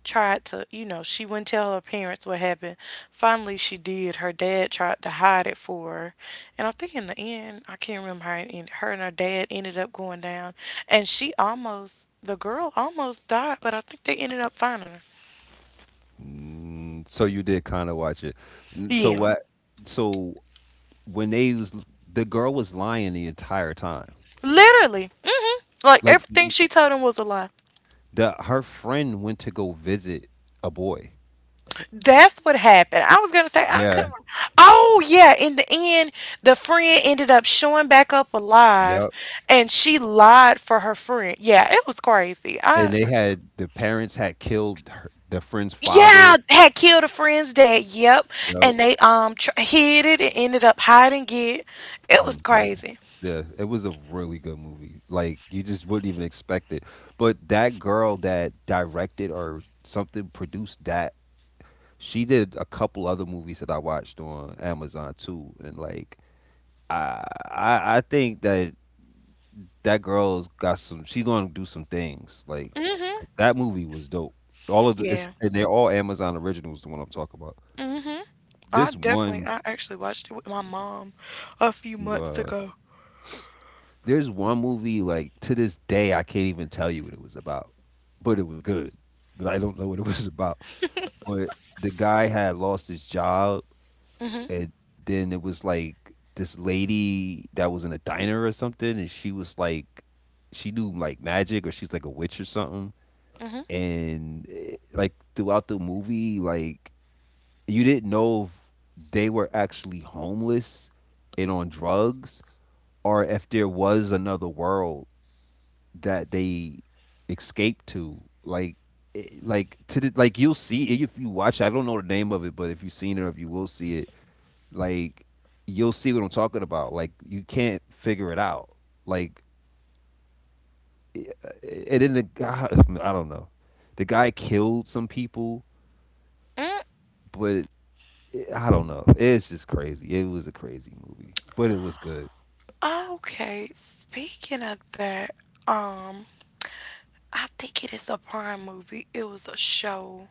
[SPEAKER 1] tried to, you know, she wouldn't tell her parents what happened. Finally, she did. Her dad tried to hide it for her. And I think in the end, I can't remember how it ended. Her and her dad ended up going down. And she almost, the girl almost died, but I think they ended up finding her.
[SPEAKER 2] Mm, so you did kind of watch it. So
[SPEAKER 1] Yeah.
[SPEAKER 2] what? So when they was the girl was lying the entire time.
[SPEAKER 1] Literally. Mm. Like
[SPEAKER 2] Like
[SPEAKER 1] everything she told him was a lie.
[SPEAKER 2] the her friend went to go visit a boy.
[SPEAKER 1] That's what happened. I was gonna say I
[SPEAKER 2] Yeah.
[SPEAKER 1] couldn't. Oh yeah, in the end, the friend ended up showing back up alive,
[SPEAKER 2] Yep.
[SPEAKER 1] and she lied for her friend. Yeah, it was crazy.
[SPEAKER 2] And
[SPEAKER 1] I
[SPEAKER 2] they had the parents had killed her, the friend's
[SPEAKER 1] yeah
[SPEAKER 2] father.
[SPEAKER 1] had killed a friend's dad. Yep,
[SPEAKER 2] Yep.
[SPEAKER 1] and they hid it and ended up hiding it. It was
[SPEAKER 2] Mhm.
[SPEAKER 1] crazy.
[SPEAKER 2] Yeah, it was a really good movie. Like you just wouldn't even expect it. But that girl that directed or something produced that, she did a couple other movies that I watched on Amazon too. And like I I think that that girl's got some. She gonna do some things. Like
[SPEAKER 1] Mhm.
[SPEAKER 2] that movie was dope. All of the, it's
[SPEAKER 1] Yeah.
[SPEAKER 2] and they're all Amazon originals. The one I'm talking about.
[SPEAKER 1] Mhm. I
[SPEAKER 2] This
[SPEAKER 1] definitely.
[SPEAKER 2] one,
[SPEAKER 1] I actually watched it with my mom a few months
[SPEAKER 2] uh,
[SPEAKER 1] ago.
[SPEAKER 2] there's one movie like to this day I can't even tell you what it was about, but it was good. But I don't know what it was about. But the guy had lost his job,
[SPEAKER 1] Mhm.
[SPEAKER 2] and then it was like this lady that was in a diner or something, and she was like, she knew like magic or she's like a witch or something,
[SPEAKER 1] Mhm.
[SPEAKER 2] and like throughout the movie, like you didn't know if they were actually homeless and on drugs, or if there was another world that they escaped to. Like, like to the, like you'll see it if you watch. I don't know the name of it, but if you've seen it, or if you will see it, like you'll see what I'm talking about. Like you can't figure it out. Like, eh, and then the guy, I don't know. The guy killed some people,
[SPEAKER 1] Mm.
[SPEAKER 2] but it, I don't know. It's just crazy. It was a crazy movie, but it was good.
[SPEAKER 1] Okay. Speaking of that, um. I think it is a Prime movie. It was a show.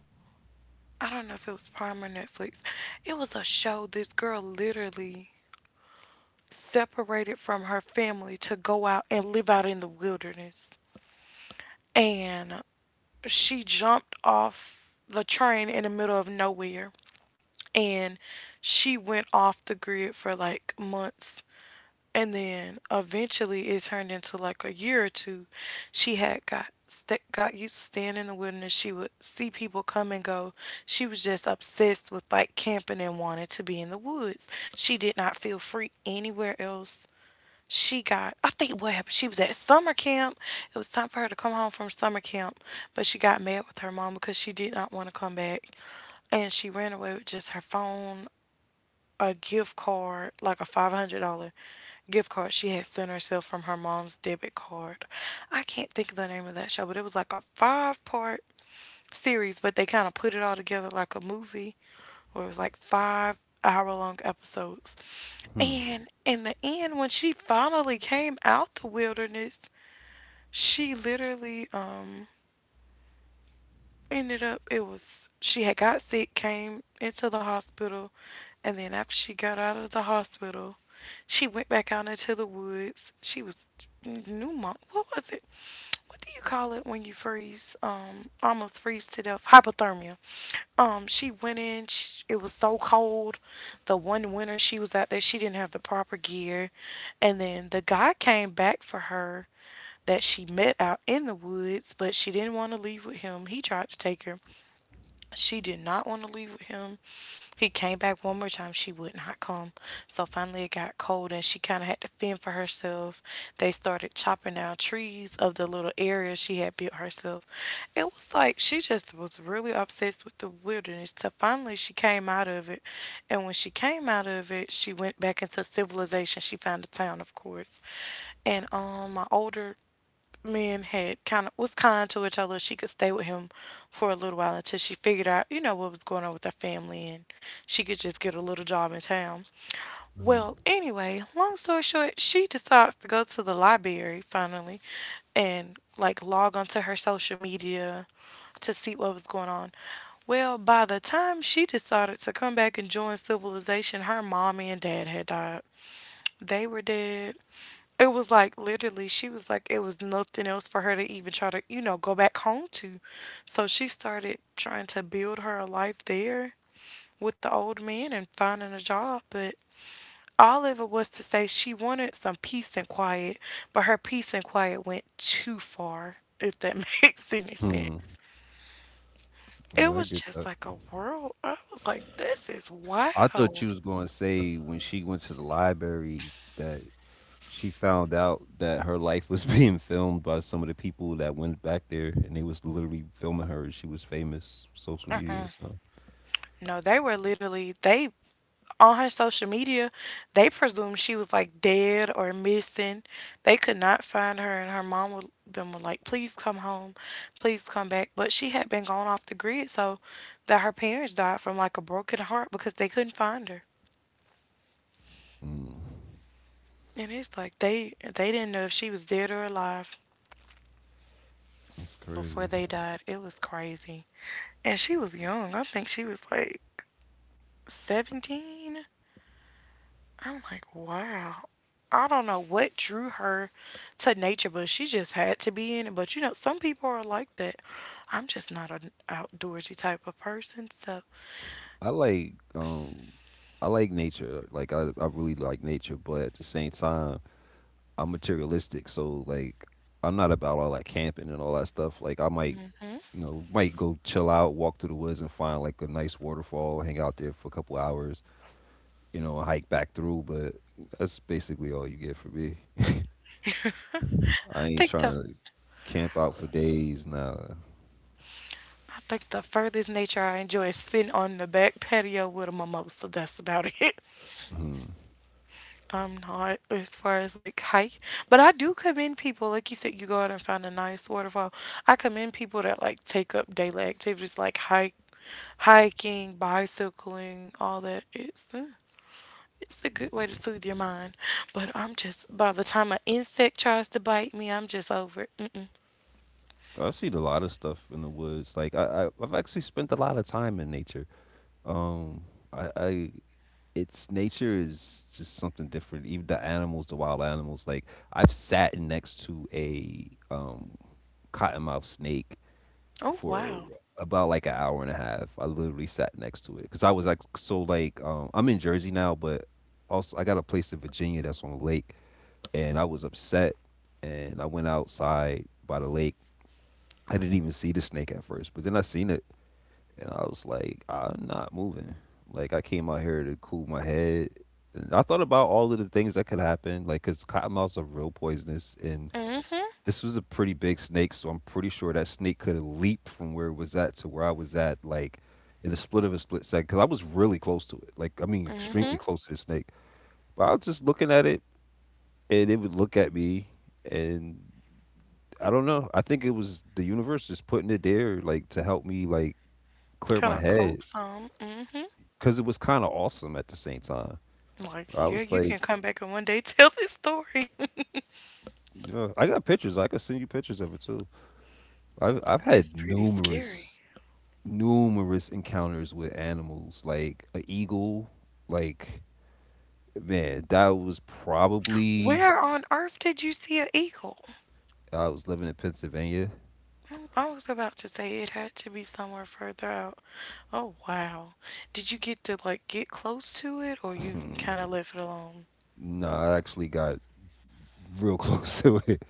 [SPEAKER 1] I don't know if it was Prime or Netflix. It was a show. This girl literally separated from her family to go out and live out in the wilderness. And she jumped off the train in the middle of nowhere. And she went off the grid for like months. And then eventually it turned into like a year or two. She had got used to staying in the wilderness. She would see people come and go. She was just obsessed with like camping and wanted to be in the woods. She did not feel free anywhere else. She got, I think what happened, she was at summer camp. It was time for her to come home from summer camp, but she got mad with her mom because she did not want to come back. And she ran away with just her phone, a gift card, like a $500 gift card she had sent herself from her mom's debit card. I can't think of the name of that show, but it was like a five-part series, but they kind of put it all together like a movie where it was like 5 hour long episodes.
[SPEAKER 2] Hmm.
[SPEAKER 1] And in the end, when she finally came out the wilderness, she literally, um, ended up it was she had got sick, came into the hospital, and then after she got out of the hospital, she went back out into the woods. She was pneumo. What was it? What do you call it when you freeze almost freeze to death? Hypothermia. She went in sh it was so cold, the one winter she was out there she didn't have the proper gear. And then the guy came back for her that she met out in the woods, but she didn't want to leave with him. He tried to take her. She did not want to leave with him. He came back one more time. She would not come. So finally, it got cold and she kind of had to fend for herself. They started chopping down trees of the little area she had built herself. It was like she just was really obsessed with the wilderness. So finally, she came out of it. And when she came out of it, she went back into civilization. She found a town, of course. And My older men had kind of was kind to her, told her she could stay with him for a little while until she figured out, you know, what was going on with her family and she could just get a little job in town.
[SPEAKER 2] Hmm.
[SPEAKER 1] Well, anyway, long story short, she decides to go to the library finally and like log onto her social media to see what was going on. Well, by the time she decided to come back and join civilization, her mommy and dad had died. They were dead. It was like literally, she was like, it was nothing else for her to even try to, you know, go back home to. So she started trying to build her life there with the old man and finding a job. But all of it was to say she wanted some peace and quiet, but her peace and quiet went too far, if that makes any
[SPEAKER 2] Hmm.
[SPEAKER 1] sense. It
[SPEAKER 2] Yeah, I
[SPEAKER 1] was
[SPEAKER 2] get
[SPEAKER 1] just
[SPEAKER 2] that.
[SPEAKER 1] like a world. I was like, this is
[SPEAKER 2] I thought you
[SPEAKER 1] wild.
[SPEAKER 2] was going to say when she went to the library that she found out that her life was being filmed by some of the people that went back there and they was literally filming her. She was famous social media, so.
[SPEAKER 1] No, they were literally, they on her social media, they presumed she was like dead or missing. They could not find her, and her mom would, them were like, "Please come home, please come back." But she had been gone off the grid, so that her parents died from like a broken heart because they couldn't find her.
[SPEAKER 2] Mm.
[SPEAKER 1] And it's like they didn't know if she was dead or alive
[SPEAKER 2] That's
[SPEAKER 1] before
[SPEAKER 2] crazy.
[SPEAKER 1] they died. It was crazy, and she was young. I think she was like 17. I'm like, wow. I don't know what drew her to nature, but she just had to be in it. But you know, some people are like that. I'm just not an outdoorsy type of person. So
[SPEAKER 2] I like um I like nature. Like I really like nature, but at the same time, I'm materialistic, so like I'm not about all that camping and all that stuff. Like I might, might go chill out, walk through the woods and find like a nice waterfall, hang out there for a couple hours, hike back through, but that's basically all you get for me. I
[SPEAKER 1] I
[SPEAKER 2] ain't
[SPEAKER 1] think
[SPEAKER 2] trying
[SPEAKER 1] the
[SPEAKER 2] to camp out for days nah.
[SPEAKER 1] I think the furthest nature I enjoy is sitting on the back patio with a mimosa. That's about it.
[SPEAKER 2] Hmm.
[SPEAKER 1] I'm not as far as like hike, but I do commend people. Like you said, you go out and find a nice waterfall. I commend people that like take up daily activities like hike, hiking, bicycling, all that. It's a good way to soothe your mind. But I'm just by the time an insect tries to bite me, I'm just over it. Mm-mm.
[SPEAKER 2] I've seen a lot of stuff in the woods. Like I've actually spent a lot of time in nature. Um I its nature is just something different. Even the animals, the wild animals. Like I've sat next to a cottonmouth snake
[SPEAKER 1] Oh,
[SPEAKER 2] for
[SPEAKER 1] wow.
[SPEAKER 2] about like an hour and a half. I literally sat next to it because I was like so like I'm in Jersey now, but also I got a place in Virginia that's on a lake, and I was upset, and I went outside by the lake. I didn't even see the snake at first, but then I seen it and I was like, I'm not moving. Like I came out here to cool my head. And I thought about all of the things that could happen, like because cottonmouths are real poisonous, and
[SPEAKER 1] Mm-hmm.
[SPEAKER 2] this was a pretty big snake, so I'm pretty sure that snake could have leaped from where it was at to where I was at, like in a split of a split second, because I was really close to it. Like I mean,
[SPEAKER 1] Mm-hmm.
[SPEAKER 2] extremely close to the snake. But I was just looking at it, and it would look at me, and I don't know. I think it was the universe just putting it there, like to help me, like clear
[SPEAKER 1] Kind
[SPEAKER 2] my
[SPEAKER 1] of cope
[SPEAKER 2] head.
[SPEAKER 1] some. Mm-hmm.
[SPEAKER 2] Because it was kind of awesome at the same time.
[SPEAKER 1] Like
[SPEAKER 2] I
[SPEAKER 1] yeah,
[SPEAKER 2] was
[SPEAKER 1] you can
[SPEAKER 2] like,
[SPEAKER 1] come back and one day tell this story.
[SPEAKER 2] yeah, I got pictures. I could send you pictures of it too. I've
[SPEAKER 1] It's
[SPEAKER 2] had
[SPEAKER 1] pretty scary.
[SPEAKER 2] numerous encounters with animals, like a eagle. Like, man, that was probably.
[SPEAKER 1] Where on earth did you see an eagle?
[SPEAKER 2] I was living in Pennsylvania.
[SPEAKER 1] Mm, I was about to say it had to be somewhere further out. Oh, wow. Did you get to like get close to it, or you
[SPEAKER 2] Hmm.
[SPEAKER 1] kind of left it alone?
[SPEAKER 2] No, I actually got real close to it.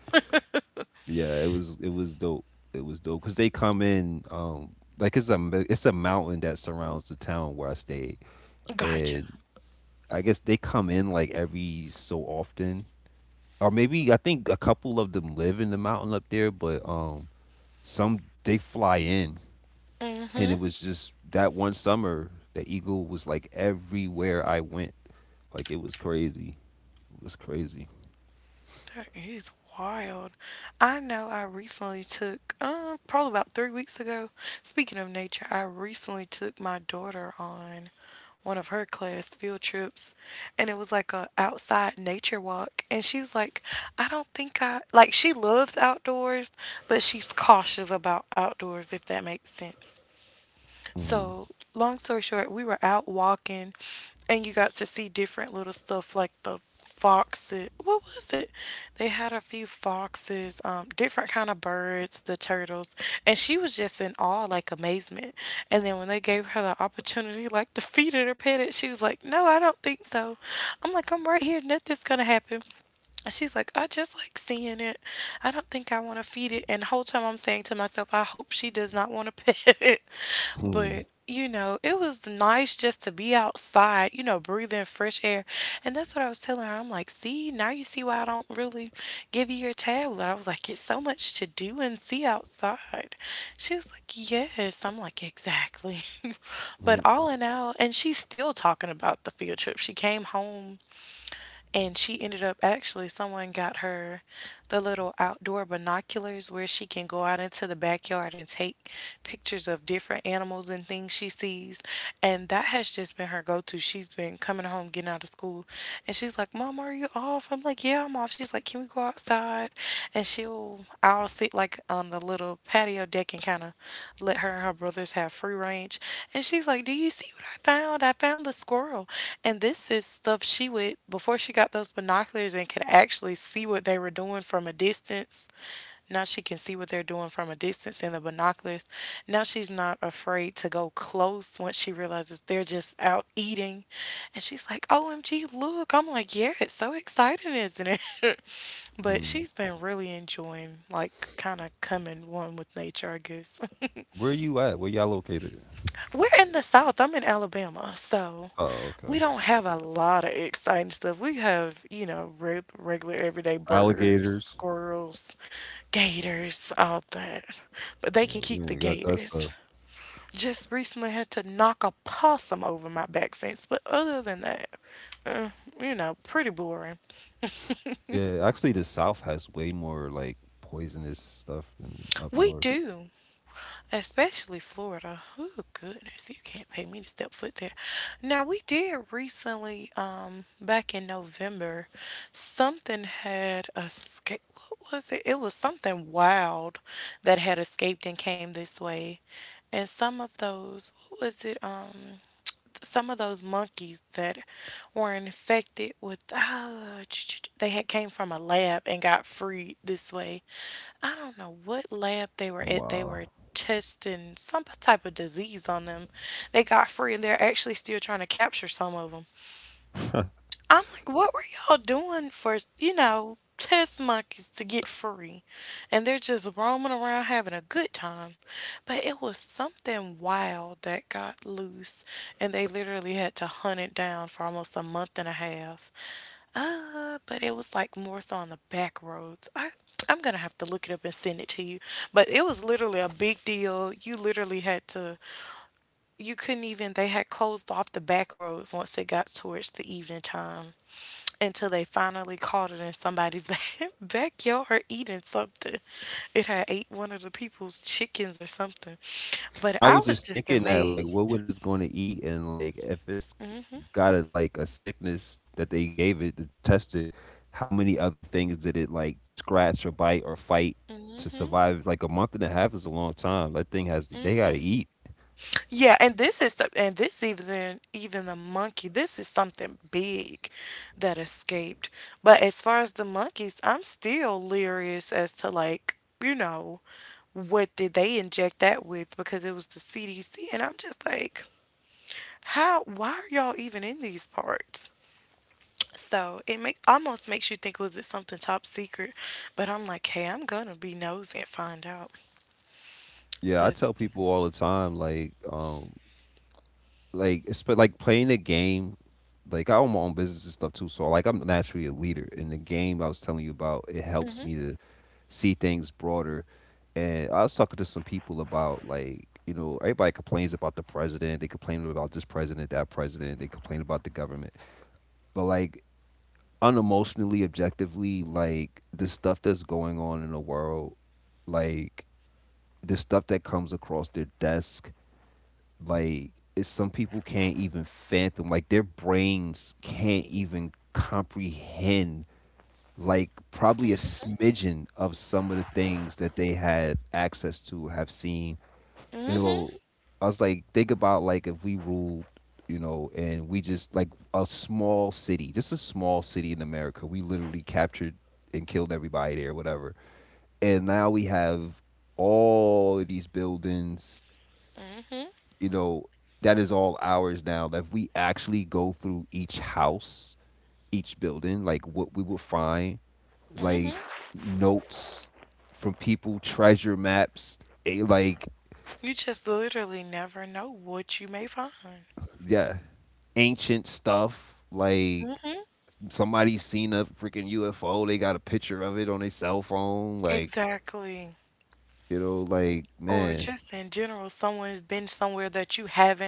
[SPEAKER 2] Yeah, it was dope. It was dope because they come in. Like it's a mountain that surrounds the town where I stayed,
[SPEAKER 1] Gotcha.
[SPEAKER 2] and I guess they come in like every so often, or maybe I think a couple of them live in the mountain up there, but some they fly in, and it was just that one summer the eagle was like everywhere I went, like it was crazy. It was crazy.
[SPEAKER 1] That is wild. I know I recently took, probably about 3 weeks ago. Speaking of nature, I recently took my daughter on one of her class field trips, and it was like a outside nature walk. And she was like, "I don't think I like." She loves outdoors, but she's cautious about outdoors, if that makes sense.
[SPEAKER 2] Mm,
[SPEAKER 1] So, long story short, we were out walking and you got to see different little stuff like the foxes. What was it? They had a few foxes, different kind of birds, the turtles, and she was just in awe, like amazement. And then when they gave her the opportunity, like to feed it or pet it, she was like, "No, I don't think so." I'm like, "I'm right here. Nothing's gonna happen." And she's like, I just like seeing it. I don't think I want to feed it. And the whole time I'm saying to myself, I hope she does not want to pet it. But,
[SPEAKER 2] mm,
[SPEAKER 1] you know, it was nice just to be outside, you know, breathing fresh air. And that's what I was telling her. I'm like, see, now you see why I don't really give you your tablet. I was like, it's so much to do and see outside. She was like, yes. I'm like, exactly. But all
[SPEAKER 2] mm,
[SPEAKER 1] in all, and she's still talking about the field trip. She came home, and she ended up actually, someone got her the little outdoor binoculars where she can go out into the backyard and take pictures of different animals and things she sees. And that has just been her go to. She's been coming home, getting out of school, and she's like, Mom, are you off? I'm like, Yeah, I'm off. She's like, Can we go outside? And she'll, I'll sit like on the little patio deck and kind of let her and her brothers have free range. And she's like, Do you see what I found the squirrel. And this is stuff she would, before she got those binoculars and could actually see what they were doing from a distance. Now she can see what they're doing from a distance in the binoculars. Now she's not afraid to go close once she realizes they're just out eating. And she's like, OMG, look. I'm like, yeah, it's so exciting, isn't it? But
[SPEAKER 2] mm.
[SPEAKER 1] she's been really enjoying, like, kind of coming one with nature, I guess.
[SPEAKER 2] Where you at? Where y'all located?
[SPEAKER 1] We're in the South. I'm in Alabama, so
[SPEAKER 2] Oh,
[SPEAKER 1] we
[SPEAKER 2] okay.
[SPEAKER 1] don't have a lot of exciting stuff. We have, you know, reg- regular everyday birds,
[SPEAKER 2] Alligators.
[SPEAKER 1] squirrels, gators, all that. But they can
[SPEAKER 2] Yeah,
[SPEAKER 1] keep
[SPEAKER 2] we
[SPEAKER 1] the
[SPEAKER 2] ain't got that
[SPEAKER 1] gators.
[SPEAKER 2] stuff.
[SPEAKER 1] Just recently had to knock a possum over my back fence, but other than that, you know, pretty boring.
[SPEAKER 2] Yeah, actually, the South has way more like poisonous stuff than up
[SPEAKER 1] We
[SPEAKER 2] north.
[SPEAKER 1] do. Especially Florida. Oh, goodness, you can't pay me to step foot there. Now we did recently, back in November, something had escaped. What was it? It was something wild that had escaped and came this way, and some of those. What was it? Some of those monkeys that were infected with they had came from a lab and got freed this way. I don't know what lab they were at. They were
[SPEAKER 2] Wow.
[SPEAKER 1] testing some type of disease on them. They got free and they're actually still trying to capture some of them. I'm like, what were y'all doing for, you know, test monkeys to get free? And they're just roaming around having a good time. But it was something wild that got loose, and they literally had to hunt it down for almost a month and a half. But it was like more so on the back roads. I'm gonna have to look it up and send it to you. But it was literally a big deal. You literally had to you couldn't even they had closed off the back roads once it got towards the evening time until they finally caught it in somebody's backyard eating something. It had ate one of the people's chickens or something. But I
[SPEAKER 2] I was
[SPEAKER 1] was
[SPEAKER 2] just
[SPEAKER 1] just
[SPEAKER 2] thinking that, like,
[SPEAKER 1] amazed.
[SPEAKER 2] what would it's going to eat, and like, if it's
[SPEAKER 1] Mhm.
[SPEAKER 2] got a, like a sickness that they gave it to test it, how many other things did it like scratch or bite or fight to survive? Like a month and a half is a long time. That thing has they got to eat.
[SPEAKER 1] Yeah, and this is some- and this even the monkey. This is something big that escaped. But as far as the monkeys, I'm still leery as to like, you know, what did they inject that with, because it was the CDC, and I'm just like, how? Why are y'all even in these parts? So it make, almost makes you think, was it something top secret? But I'm like, hey, I'm gonna be nosy and find out.
[SPEAKER 2] Yeah,
[SPEAKER 1] But
[SPEAKER 2] I tell people all the time, like it's but like playing a game. Like I own my own business and stuff too, so like I'm naturally a leader. And the game I was telling you about, it helps
[SPEAKER 1] hmm.
[SPEAKER 2] me to see things broader. And I was talking to some people about like, everybody complains about the president. They complain about this president, that president. They complain about the government. But like unemotionally, objectively, like the stuff that's going on in the world, like the stuff that comes across their desk, like it's some people can't even fathom. Like their brains can't even comprehend like probably a smidgen of some of the things that they have access to have seen you
[SPEAKER 1] Hmm.
[SPEAKER 2] know I was like, think about, like, if we ruled, and we just like a small city, just a small city in America, we literally captured and killed everybody there, whatever, and now we have all of these buildings, you know that is all ours now, that if we actually go through each house, each building, like what we will find,
[SPEAKER 1] Hmm.
[SPEAKER 2] like notes from people, treasure maps, a, like
[SPEAKER 1] You just literally never know what you may find.
[SPEAKER 2] yeah, ancient stuff. Like
[SPEAKER 1] Hmm.
[SPEAKER 2] somebody's seen a freaking UFO. They got a picture of it on their cell phone. Like,
[SPEAKER 1] Exactly.
[SPEAKER 2] like,
[SPEAKER 1] Or
[SPEAKER 2] man.
[SPEAKER 1] just in general, someone's been somewhere that you haven't.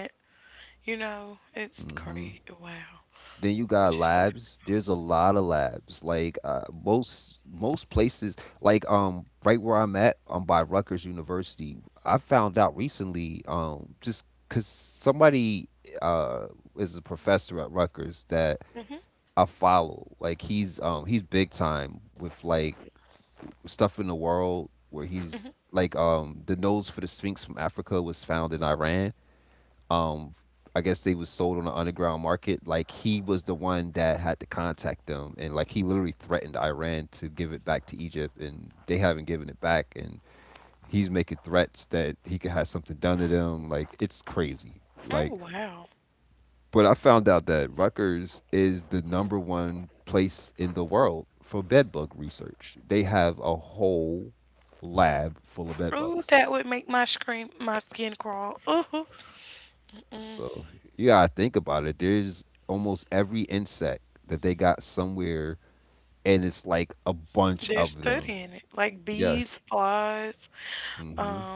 [SPEAKER 1] You know, it's
[SPEAKER 2] Hmm.
[SPEAKER 1] crazy. Wow.
[SPEAKER 2] Then you
[SPEAKER 1] You
[SPEAKER 2] got
[SPEAKER 1] just.
[SPEAKER 2] labs. There's a lot of labs. Like most places, like right where I'm at, I'm by Rutgers University. I found out recently, just because somebody uh is a professor at Rutgers that
[SPEAKER 1] Hmm.
[SPEAKER 2] I follow. Like he's big time with like stuff in the world where he's like the nose for the Sphinx from Africa was found in Iran. um I guess they was sold on the underground market. Like he was the one that had to contact them, and like he literally threatened Iran to give it back to Egypt, and they haven't given it back, and he's making threats that he could have something done to them. Like it's crazy.
[SPEAKER 1] Oh,
[SPEAKER 2] Like,
[SPEAKER 1] wow.
[SPEAKER 2] but I found out that Rutgers is the number one place in the world for bed bug research. They have a whole lab full of bed
[SPEAKER 1] Ooh,
[SPEAKER 2] bugs.
[SPEAKER 1] that would make my scream, my skin crawl. Ooh,
[SPEAKER 2] So you gotta think about it. There's almost every insect that they got somewhere, and it's like a bunch
[SPEAKER 1] they're
[SPEAKER 2] of them.
[SPEAKER 1] studying it like
[SPEAKER 2] Yeah.
[SPEAKER 1] bees, flies.
[SPEAKER 2] Mm-hmm.
[SPEAKER 1] Um,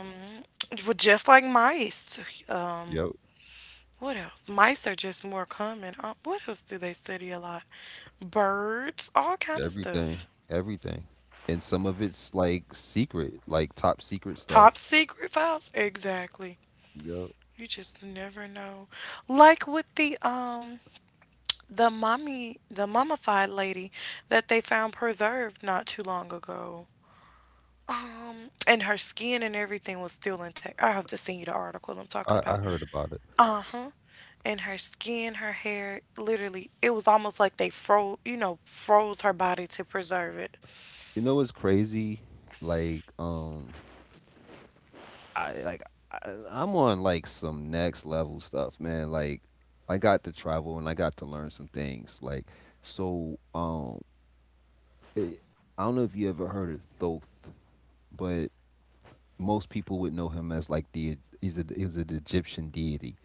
[SPEAKER 1] well, just like mice. Um,
[SPEAKER 2] Yep.
[SPEAKER 1] what else? Mice are just more common. What else do they study a lot? Birds, all kind of stuff.
[SPEAKER 2] Everything. Everything. And some of it's like secret, like top secret
[SPEAKER 1] Top
[SPEAKER 2] stuff.
[SPEAKER 1] secret files, exactly.
[SPEAKER 2] Yep.
[SPEAKER 1] You just never know. Like with the mommy the mummified lady that they found preserved not too long ago. And her skin and everything was still intact. I have to send you the article I'm talking
[SPEAKER 2] I,
[SPEAKER 1] about.
[SPEAKER 2] I heard about it.
[SPEAKER 1] Uh-huh. And her skin, her hair, literally, it was almost like they froze, froze her body to preserve it.
[SPEAKER 2] You know what's crazy? Like, I like I, I'm on like some next level stuff, man. Like, I got to travel and I got to learn some things. Like, so, um. I don't know if you ever heard of Thoth, but most people would know him as like the he's a he was an Egyptian deity.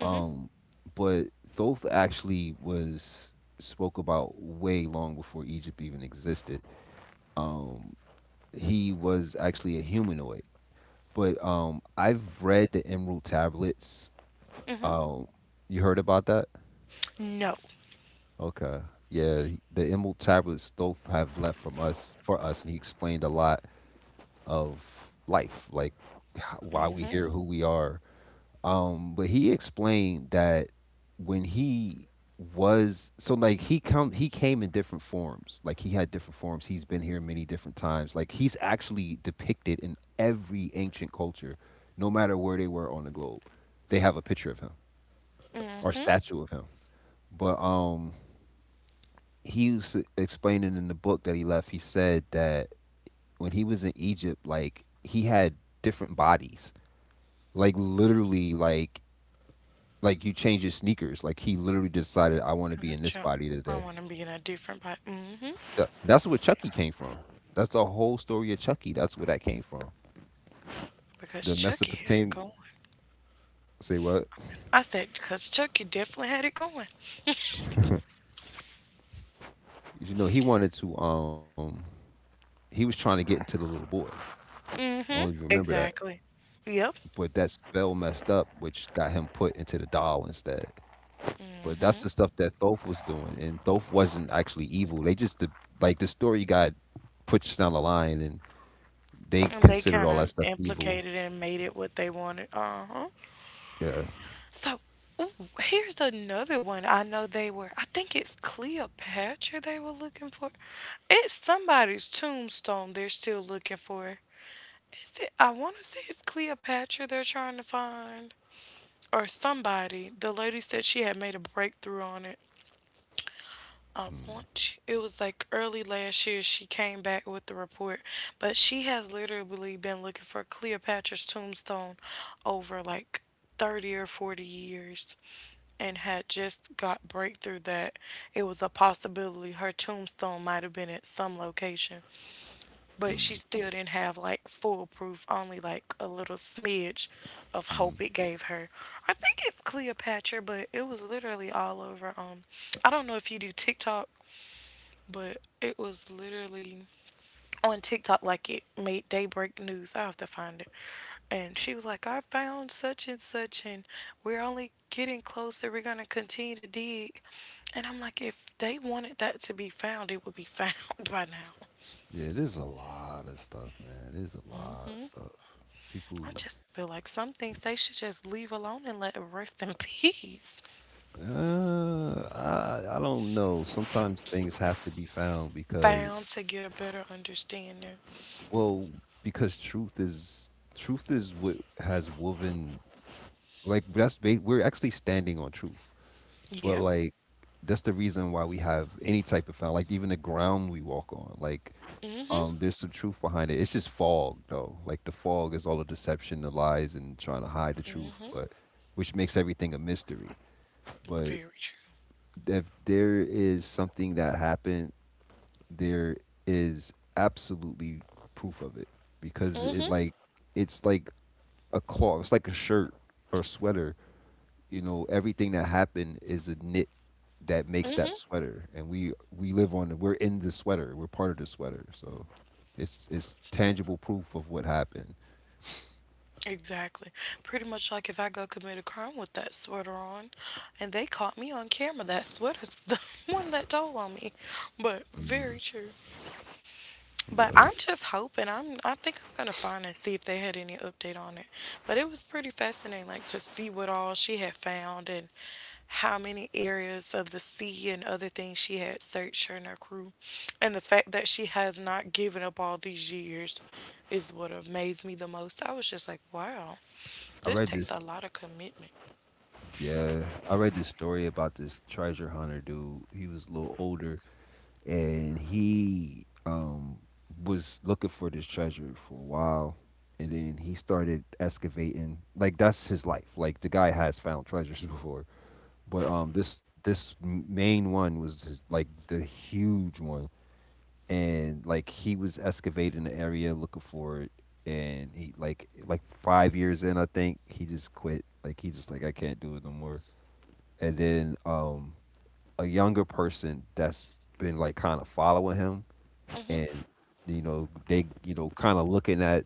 [SPEAKER 2] Um, but Thoth actually was spoke about way long before Egypt even existed. Um, he was actually a humanoid. But I've read the Emerald Tablets.
[SPEAKER 1] Hmm.
[SPEAKER 2] Um, you heard about that?
[SPEAKER 1] No.
[SPEAKER 2] Okay. Yeah, the Emerald Tablets Thoth have left from us for us, and he explained a lot of life, like why we here, who we are. But he explained that when he was so like he came in different forms, like he had different forms, he's been here many different times, like he's actually depicted in every ancient culture no matter where they were on the globe, they have a picture of him
[SPEAKER 1] Hmm.
[SPEAKER 2] or
[SPEAKER 1] I'm
[SPEAKER 2] statue of him. But he was explaining in the book that he left, he said that when he was in Egypt, like he had different bodies, like literally, like you change his sneakers. Like he literally decided I want to
[SPEAKER 1] gonna
[SPEAKER 2] be in this
[SPEAKER 1] jump.
[SPEAKER 2] body
[SPEAKER 1] I want
[SPEAKER 2] today.
[SPEAKER 1] to be in a different body. Hmm.
[SPEAKER 2] That's where Chucky came from. That's the whole story of Chucky. That's where that came from.
[SPEAKER 1] Because
[SPEAKER 2] The
[SPEAKER 1] Chucky had it going.
[SPEAKER 2] Mesopotamian, say what?
[SPEAKER 1] I said, because Chucky definitely had it going.
[SPEAKER 2] You know, he was trying to get into the little boy. I don't
[SPEAKER 1] Hmm.
[SPEAKER 2] know if you remember that.
[SPEAKER 1] Exactly. Yep.
[SPEAKER 2] But that spell messed up, which got him put into the doll instead. But that's the stuff that Thoth was doing, and Thoth wasn't actually evil. Like the story got pushed down the line, and
[SPEAKER 1] And
[SPEAKER 2] they
[SPEAKER 1] they kind
[SPEAKER 2] considered
[SPEAKER 1] of
[SPEAKER 2] all that stuff
[SPEAKER 1] implicated
[SPEAKER 2] evil.
[SPEAKER 1] and made it what they wanted. Uh-huh.
[SPEAKER 2] Yeah.
[SPEAKER 1] So, ooh, here's another one. I know they were, I think it's Cleopatra they were looking for. It's somebody's tombstone they're still looking for. Is it, I want to say it's Cleopatra they're trying to find. Or somebody. The lady said she had made a breakthrough on it. I
[SPEAKER 2] Mm,
[SPEAKER 1] want you. It was like early last year she came back with the report. But she has literally been looking for Cleopatra's tombstone over like 30 or 40 years and had just got breakthrough that it was a possibility her tombstone might have been at some location, but she
[SPEAKER 2] mm,
[SPEAKER 1] still didn't have like full proof, only like a little smidge of hope it
[SPEAKER 2] mm.
[SPEAKER 1] gave her. I think it's Cleopatra, but it was literally all over. I don't know if you do TikTok, but it was literally on TikTok like it made daybreak news. I have to find it. And she was like, I found such and such, and we're only getting closer. We're going to continue to dig. And I'm like, if they wanted that to be found, it would be found by now.
[SPEAKER 2] Yeah, there's a lot of stuff, man. There's a lot of stuff.
[SPEAKER 1] I
[SPEAKER 2] People,
[SPEAKER 1] just feel like some things they should just leave alone and let it rest in peace.
[SPEAKER 2] uh, I don't know. Sometimes things have to be found
[SPEAKER 1] Found
[SPEAKER 2] because,
[SPEAKER 1] to get a better understanding.
[SPEAKER 2] well, because truth is what has woven, like we're actually standing on truth,
[SPEAKER 1] Yeah,
[SPEAKER 2] but like that's the reason why we have any type of found, like even the ground we walk on, like. There's some truth behind it. It's just fog, though. Like the fog is all the deception, the lies, and trying to hide the truth, but which makes everything a mystery.
[SPEAKER 1] very
[SPEAKER 2] But
[SPEAKER 1] true.
[SPEAKER 2] if there is something that happened, there is absolutely proof of it because
[SPEAKER 1] Mm-hmm,
[SPEAKER 2] it's like a cloth, it's like a shirt or sweater, you know, everything that happened is a knit that makes that
[SPEAKER 1] mm-hmm.
[SPEAKER 2] sweater, and we live on the we're in the sweater, we're part of the sweater, so it's tangible proof of what happened.
[SPEAKER 1] Exactly. Pretty much like if I go commit a crime with that sweater on and they caught me on camera, that sweater's the one that told on me. But very
[SPEAKER 2] Hmm.
[SPEAKER 1] true. But I'm
[SPEAKER 2] Yeah.
[SPEAKER 1] just hoping. I'm. I think I'm gonna find and see if they had any update on it. But it was pretty fascinating, like to see what all she had found and how many areas of the sea and other things she had searched her and her crew, and the fact that she has not given up all these years is what amazed me the most. I was just like, wow, this
[SPEAKER 2] I read
[SPEAKER 1] takes a
[SPEAKER 2] this
[SPEAKER 1] lot of commitment.
[SPEAKER 2] Yeah, I read this story about this treasure hunter dude. He was a little older, and he was looking for this treasure for a while. And then he started excavating. Like, that's his life. Like, the guy has found treasures before. But this main one was just, like, the huge one, and like he was excavating the area looking for it, and he like 5 years in, I think he just quit. Like, he just like, I can't do it no more. And then a younger person that's been like kind of following him, and they kind of looking at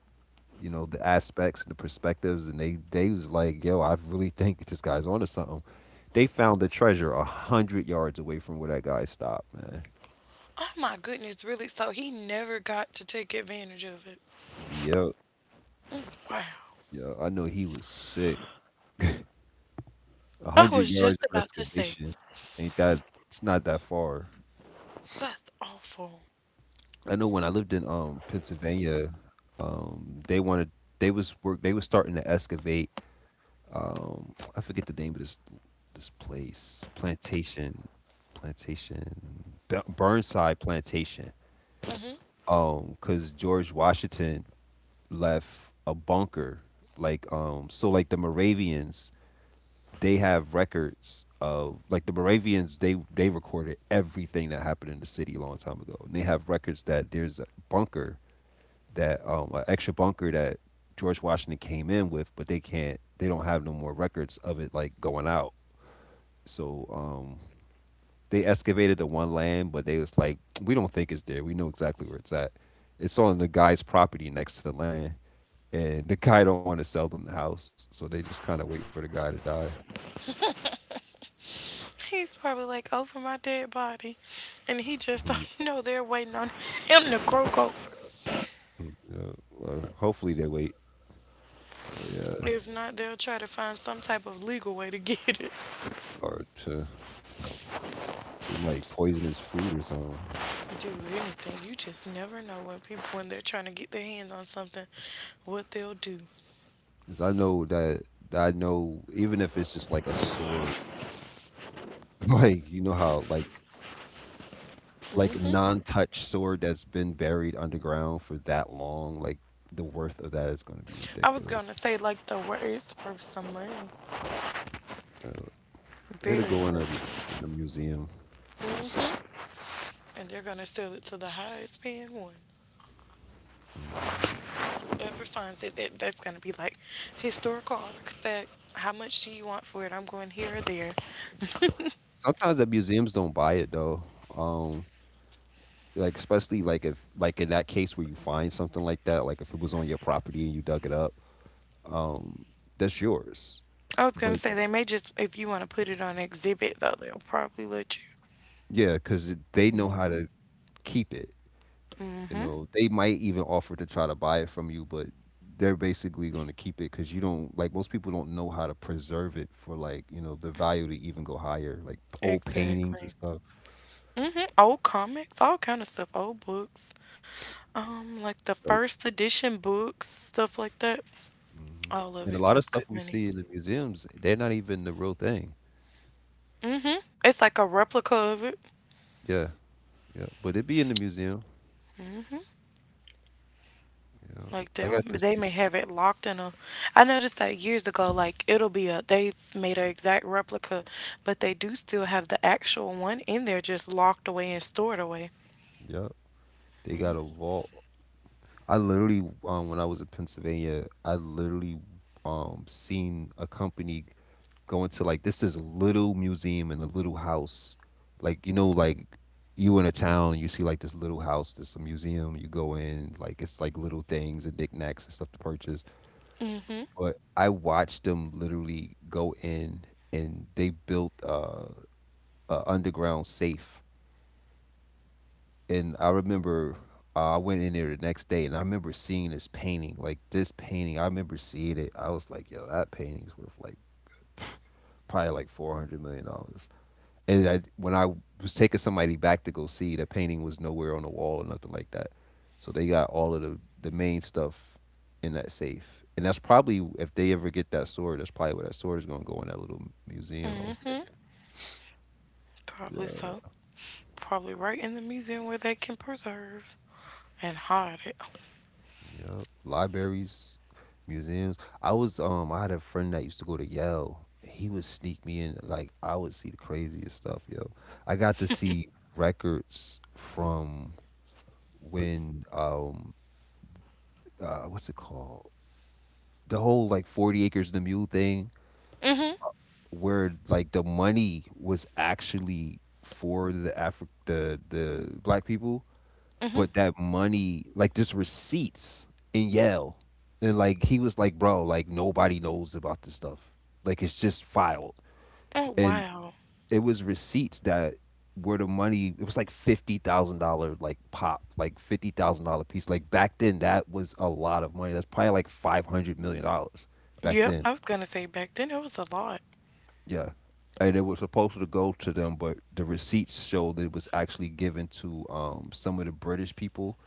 [SPEAKER 2] the aspects and the perspectives, and they was like, yo, I really think this guy's onto something. They found the treasure 100 yards away from where that guy stopped, man.
[SPEAKER 1] Oh my goodness, really? So he never got to take advantage of it.
[SPEAKER 2] Yep.
[SPEAKER 1] Wow.
[SPEAKER 2] Yeah, I know he was sick.
[SPEAKER 1] I
[SPEAKER 2] a
[SPEAKER 1] was
[SPEAKER 2] hundred
[SPEAKER 1] just
[SPEAKER 2] yards
[SPEAKER 1] about
[SPEAKER 2] of
[SPEAKER 1] to say,
[SPEAKER 2] excavation, ain't that it's not that far.
[SPEAKER 1] that's awful.
[SPEAKER 2] I know when I lived in Pennsylvania, um they wanted they was starting to excavate. I forget the name of this place, Burnside Plantation. Because George Washington left a bunker, like. So, like, the Moravians, they have records of, like, the Moravians, they recorded everything that happened in the city a long time ago, and they have records that there's a bunker, that, an extra bunker that George Washington came in with, but they don't have no more records of it, like, going out. So they excavated the one land, but they was like, we don't think it's there. We know exactly where it's at. It's on the guy's property next to the land, and the guy don't want to sell them the house, so they just kind of waiting for the guy to die.
[SPEAKER 1] He's probably like over my dead body, and he just
[SPEAKER 2] Mhm.
[SPEAKER 1] don't know they're waiting on him to croak over.
[SPEAKER 2] Yeah, well, hopefully they wait. Yeah,
[SPEAKER 1] If not, they'll try to find some type of legal way to get it.
[SPEAKER 2] or to, they might poison his food or something.
[SPEAKER 1] Do anything. You just never know when people, when they're trying to get their hands on something, what they'll do.
[SPEAKER 2] Cause I know that that I know, even if it's just like a sword, like, you know how, like, non-touch sword that's been buried underground for that long, like, the worth of that is going to be
[SPEAKER 1] I was gonna
[SPEAKER 2] ridiculous.
[SPEAKER 1] say like the words for some money,
[SPEAKER 2] Uh,
[SPEAKER 1] very
[SPEAKER 2] it'll
[SPEAKER 1] much.
[SPEAKER 2] go in a museum.
[SPEAKER 1] Mhm. And they're gonna sell it to the highest paying one.
[SPEAKER 2] Mhm.
[SPEAKER 1] Whoever finds it, that that's gonna be like historical artifact. How much do you want for it? I'm going here or there.
[SPEAKER 2] Sometimes the museums don't buy it though. Um, like, especially, like, if, like, in that case where you find something like that, like, if it was on your property and you dug it up, um, that's yours.
[SPEAKER 1] I was gonna say
[SPEAKER 2] But
[SPEAKER 1] they may just if you want to put it on exhibit though they'll probably let you.
[SPEAKER 2] yeah, because they know how to keep it. You know, they might even offer to try to buy it from you, but they're basically going to keep it, because you don't like, most people don't know how to preserve it for, like, you know, the value to even go higher, like, old
[SPEAKER 1] Exactly.
[SPEAKER 2] paintings and stuff.
[SPEAKER 1] Hmm. Old comics, all kind of stuff, old books, like the
[SPEAKER 2] So-
[SPEAKER 1] first edition books, stuff like that.
[SPEAKER 2] Mhm.
[SPEAKER 1] All of it's
[SPEAKER 2] And a
[SPEAKER 1] worth
[SPEAKER 2] lot of
[SPEAKER 1] good
[SPEAKER 2] stuff we
[SPEAKER 1] money.
[SPEAKER 2] see in the museums, they're not even the real thing.
[SPEAKER 1] Hmm. It's like a replica of it.
[SPEAKER 2] Yeah. Yeah, but it be in the museum. Yeah.
[SPEAKER 1] Like they'll
[SPEAKER 2] I got
[SPEAKER 1] they
[SPEAKER 2] to
[SPEAKER 1] may
[SPEAKER 2] see
[SPEAKER 1] have
[SPEAKER 2] some.
[SPEAKER 1] it locked in a. I noticed that years ago. Like it'll be a they've made an exact replica, but they do still have the actual one in there, just locked away and stored away.
[SPEAKER 2] Yeah, they got a vault. I literally, when I was in Pennsylvania, I literally, seen a company going to, like, this is a little museum in a little house. Like, you know, like, you in a town and you see like this little house, this a museum. You go in, like, it's like little things and knickknacks and stuff to purchase.
[SPEAKER 1] Hmm.
[SPEAKER 2] But I watched them literally go in, and they built a underground safe. And I remember, I went in there the next day, and I remember seeing this painting, like, this painting. I remember seeing it. I was like, yo, that painting's worth like probably like $400 million. When I was taking somebody back to go see, the painting was nowhere on the wall or nothing like that. So they got all of the main stuff in that safe. And that's probably, if they ever get that sword, that's probably where that sword is going to go, in that little museum, I was
[SPEAKER 1] Hmm.
[SPEAKER 2] thinking.
[SPEAKER 1] Probably so. Probably right in the museum where they can preserve and hide it.
[SPEAKER 2] Yeah, libraries, museums. I had a friend that used to go to Yale. He would sneak me in. Like, I would see the craziest stuff, yo. I got to see records from when, what's it called? The whole, like, 40 acres and a mule thing,
[SPEAKER 1] Hmm.
[SPEAKER 2] where, like, the money was actually for the black people,
[SPEAKER 1] Hmm.
[SPEAKER 2] but that money, like, just receipts in Yale. And, like, he was like, bro, like, nobody knows about this stuff, like, it's just filed.
[SPEAKER 1] Oh,
[SPEAKER 2] And
[SPEAKER 1] wow.
[SPEAKER 2] it was receipts that were the money. It was like $50,000, like, pop, like, $50,000 piece, like, back then. That was a lot of money. That's probably like $500 million
[SPEAKER 1] Yep,
[SPEAKER 2] back
[SPEAKER 1] I was
[SPEAKER 2] then.
[SPEAKER 1] gonna say back then it was a lot.
[SPEAKER 2] Yeah. And it was supposed to go to them, but the receipts show that it was actually given to, some of the British people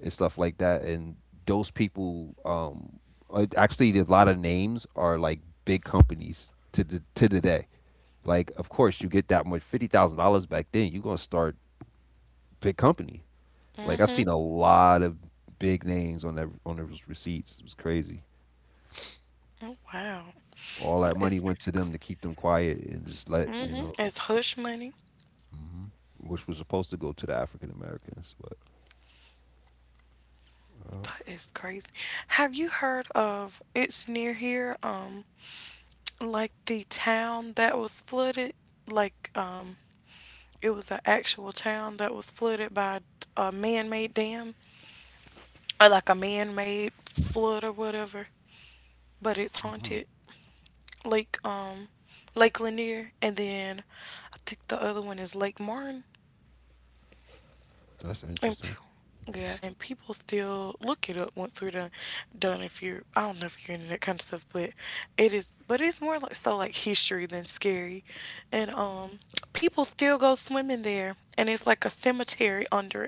[SPEAKER 2] and stuff like that. And those people, actually, a lot of names are like big companies to the day. Like, of course, you get that much, $50,000 back then, you're gonna start big company. Like,
[SPEAKER 1] Hmm.
[SPEAKER 2] I seen a lot of big names on that on those receipts. It was crazy.
[SPEAKER 1] Oh, wow. That
[SPEAKER 2] All that
[SPEAKER 1] is
[SPEAKER 2] money went to them, to keep them quiet and just
[SPEAKER 1] pretty cool.
[SPEAKER 2] let
[SPEAKER 1] Hmm.
[SPEAKER 2] you
[SPEAKER 1] It's
[SPEAKER 2] know.
[SPEAKER 1] hush money.
[SPEAKER 2] Hmm. Which was supposed to go to the African Americans, but
[SPEAKER 1] That is
[SPEAKER 2] uh,
[SPEAKER 1] crazy. Have you heard of it's near here, like the town that was flooded? Like, um, it was an actual town that was flooded by a man-made dam or like a man-made flood or whatever, but it's haunted.
[SPEAKER 2] hmm,
[SPEAKER 1] Lake Lake Lanier, and then I think the other one is Lake Martin.
[SPEAKER 2] that's
[SPEAKER 1] And p-
[SPEAKER 2] interesting.
[SPEAKER 1] yeah, and people still look it up once we're done. Done if you're I don't know if you're into that kind of stuff, but it is. But it's more like so like history than scary, and people still go swimming there, and it's like a cemetery under it.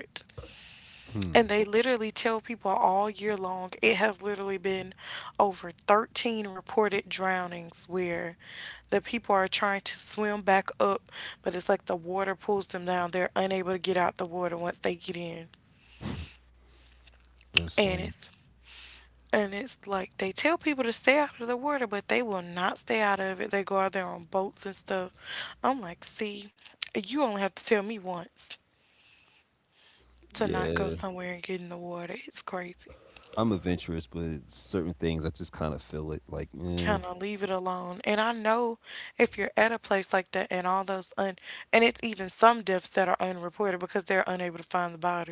[SPEAKER 1] And they
[SPEAKER 2] Hmm,
[SPEAKER 1] literally tell people all year long it has literally been over 13 reported drownings where the people are trying to swim back up, but it's like the water pulls them down. They're unable to get out the water once they get in. And
[SPEAKER 2] that's
[SPEAKER 1] it's
[SPEAKER 2] funny.
[SPEAKER 1] and it's like they tell people to stay out of the water, but they will not stay out of it. They go out there on boats and stuff. I'm like, see, you only have to tell me once to not go
[SPEAKER 2] Yeah,
[SPEAKER 1] somewhere and get in the water. It's crazy.
[SPEAKER 2] I'm adventurous, but certain things I just kind of feel it. Like,
[SPEAKER 1] Kind of
[SPEAKER 2] eh.
[SPEAKER 1] leave it alone. And I know if you're at a place like that and all those un and it's even some deaths that are unreported because they're unable to find the bodies.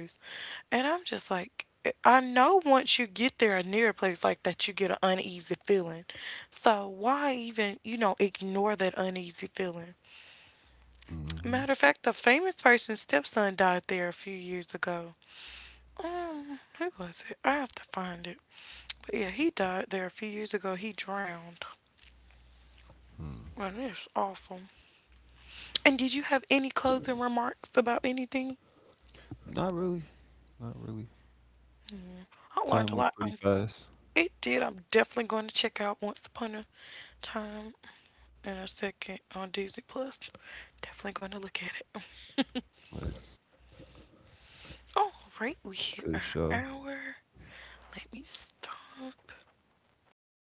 [SPEAKER 1] And I'm just like eh, I know once you get there or near a place like that you get an uneasy feeling. So why even, you know, ignore that uneasy feeling? Matter of
[SPEAKER 2] Hmm.
[SPEAKER 1] fact, the famous person's stepson died there a few years ago. Who was it? I have to find it. But yeah, he died there a few years ago. He drowned.
[SPEAKER 2] Hmm.
[SPEAKER 1] And it's awful. And did you have any closing remarks about anything?
[SPEAKER 2] Not really, not really.
[SPEAKER 1] I learned a lot.
[SPEAKER 2] Time went pretty fast.
[SPEAKER 1] It did. I'm definitely going to check out Once Upon a Time in a second on Disney Plus. Definitely going to look at it.
[SPEAKER 2] Nice,
[SPEAKER 1] All right, we hit our
[SPEAKER 2] good show.
[SPEAKER 1] hour. Let me stop. Okay,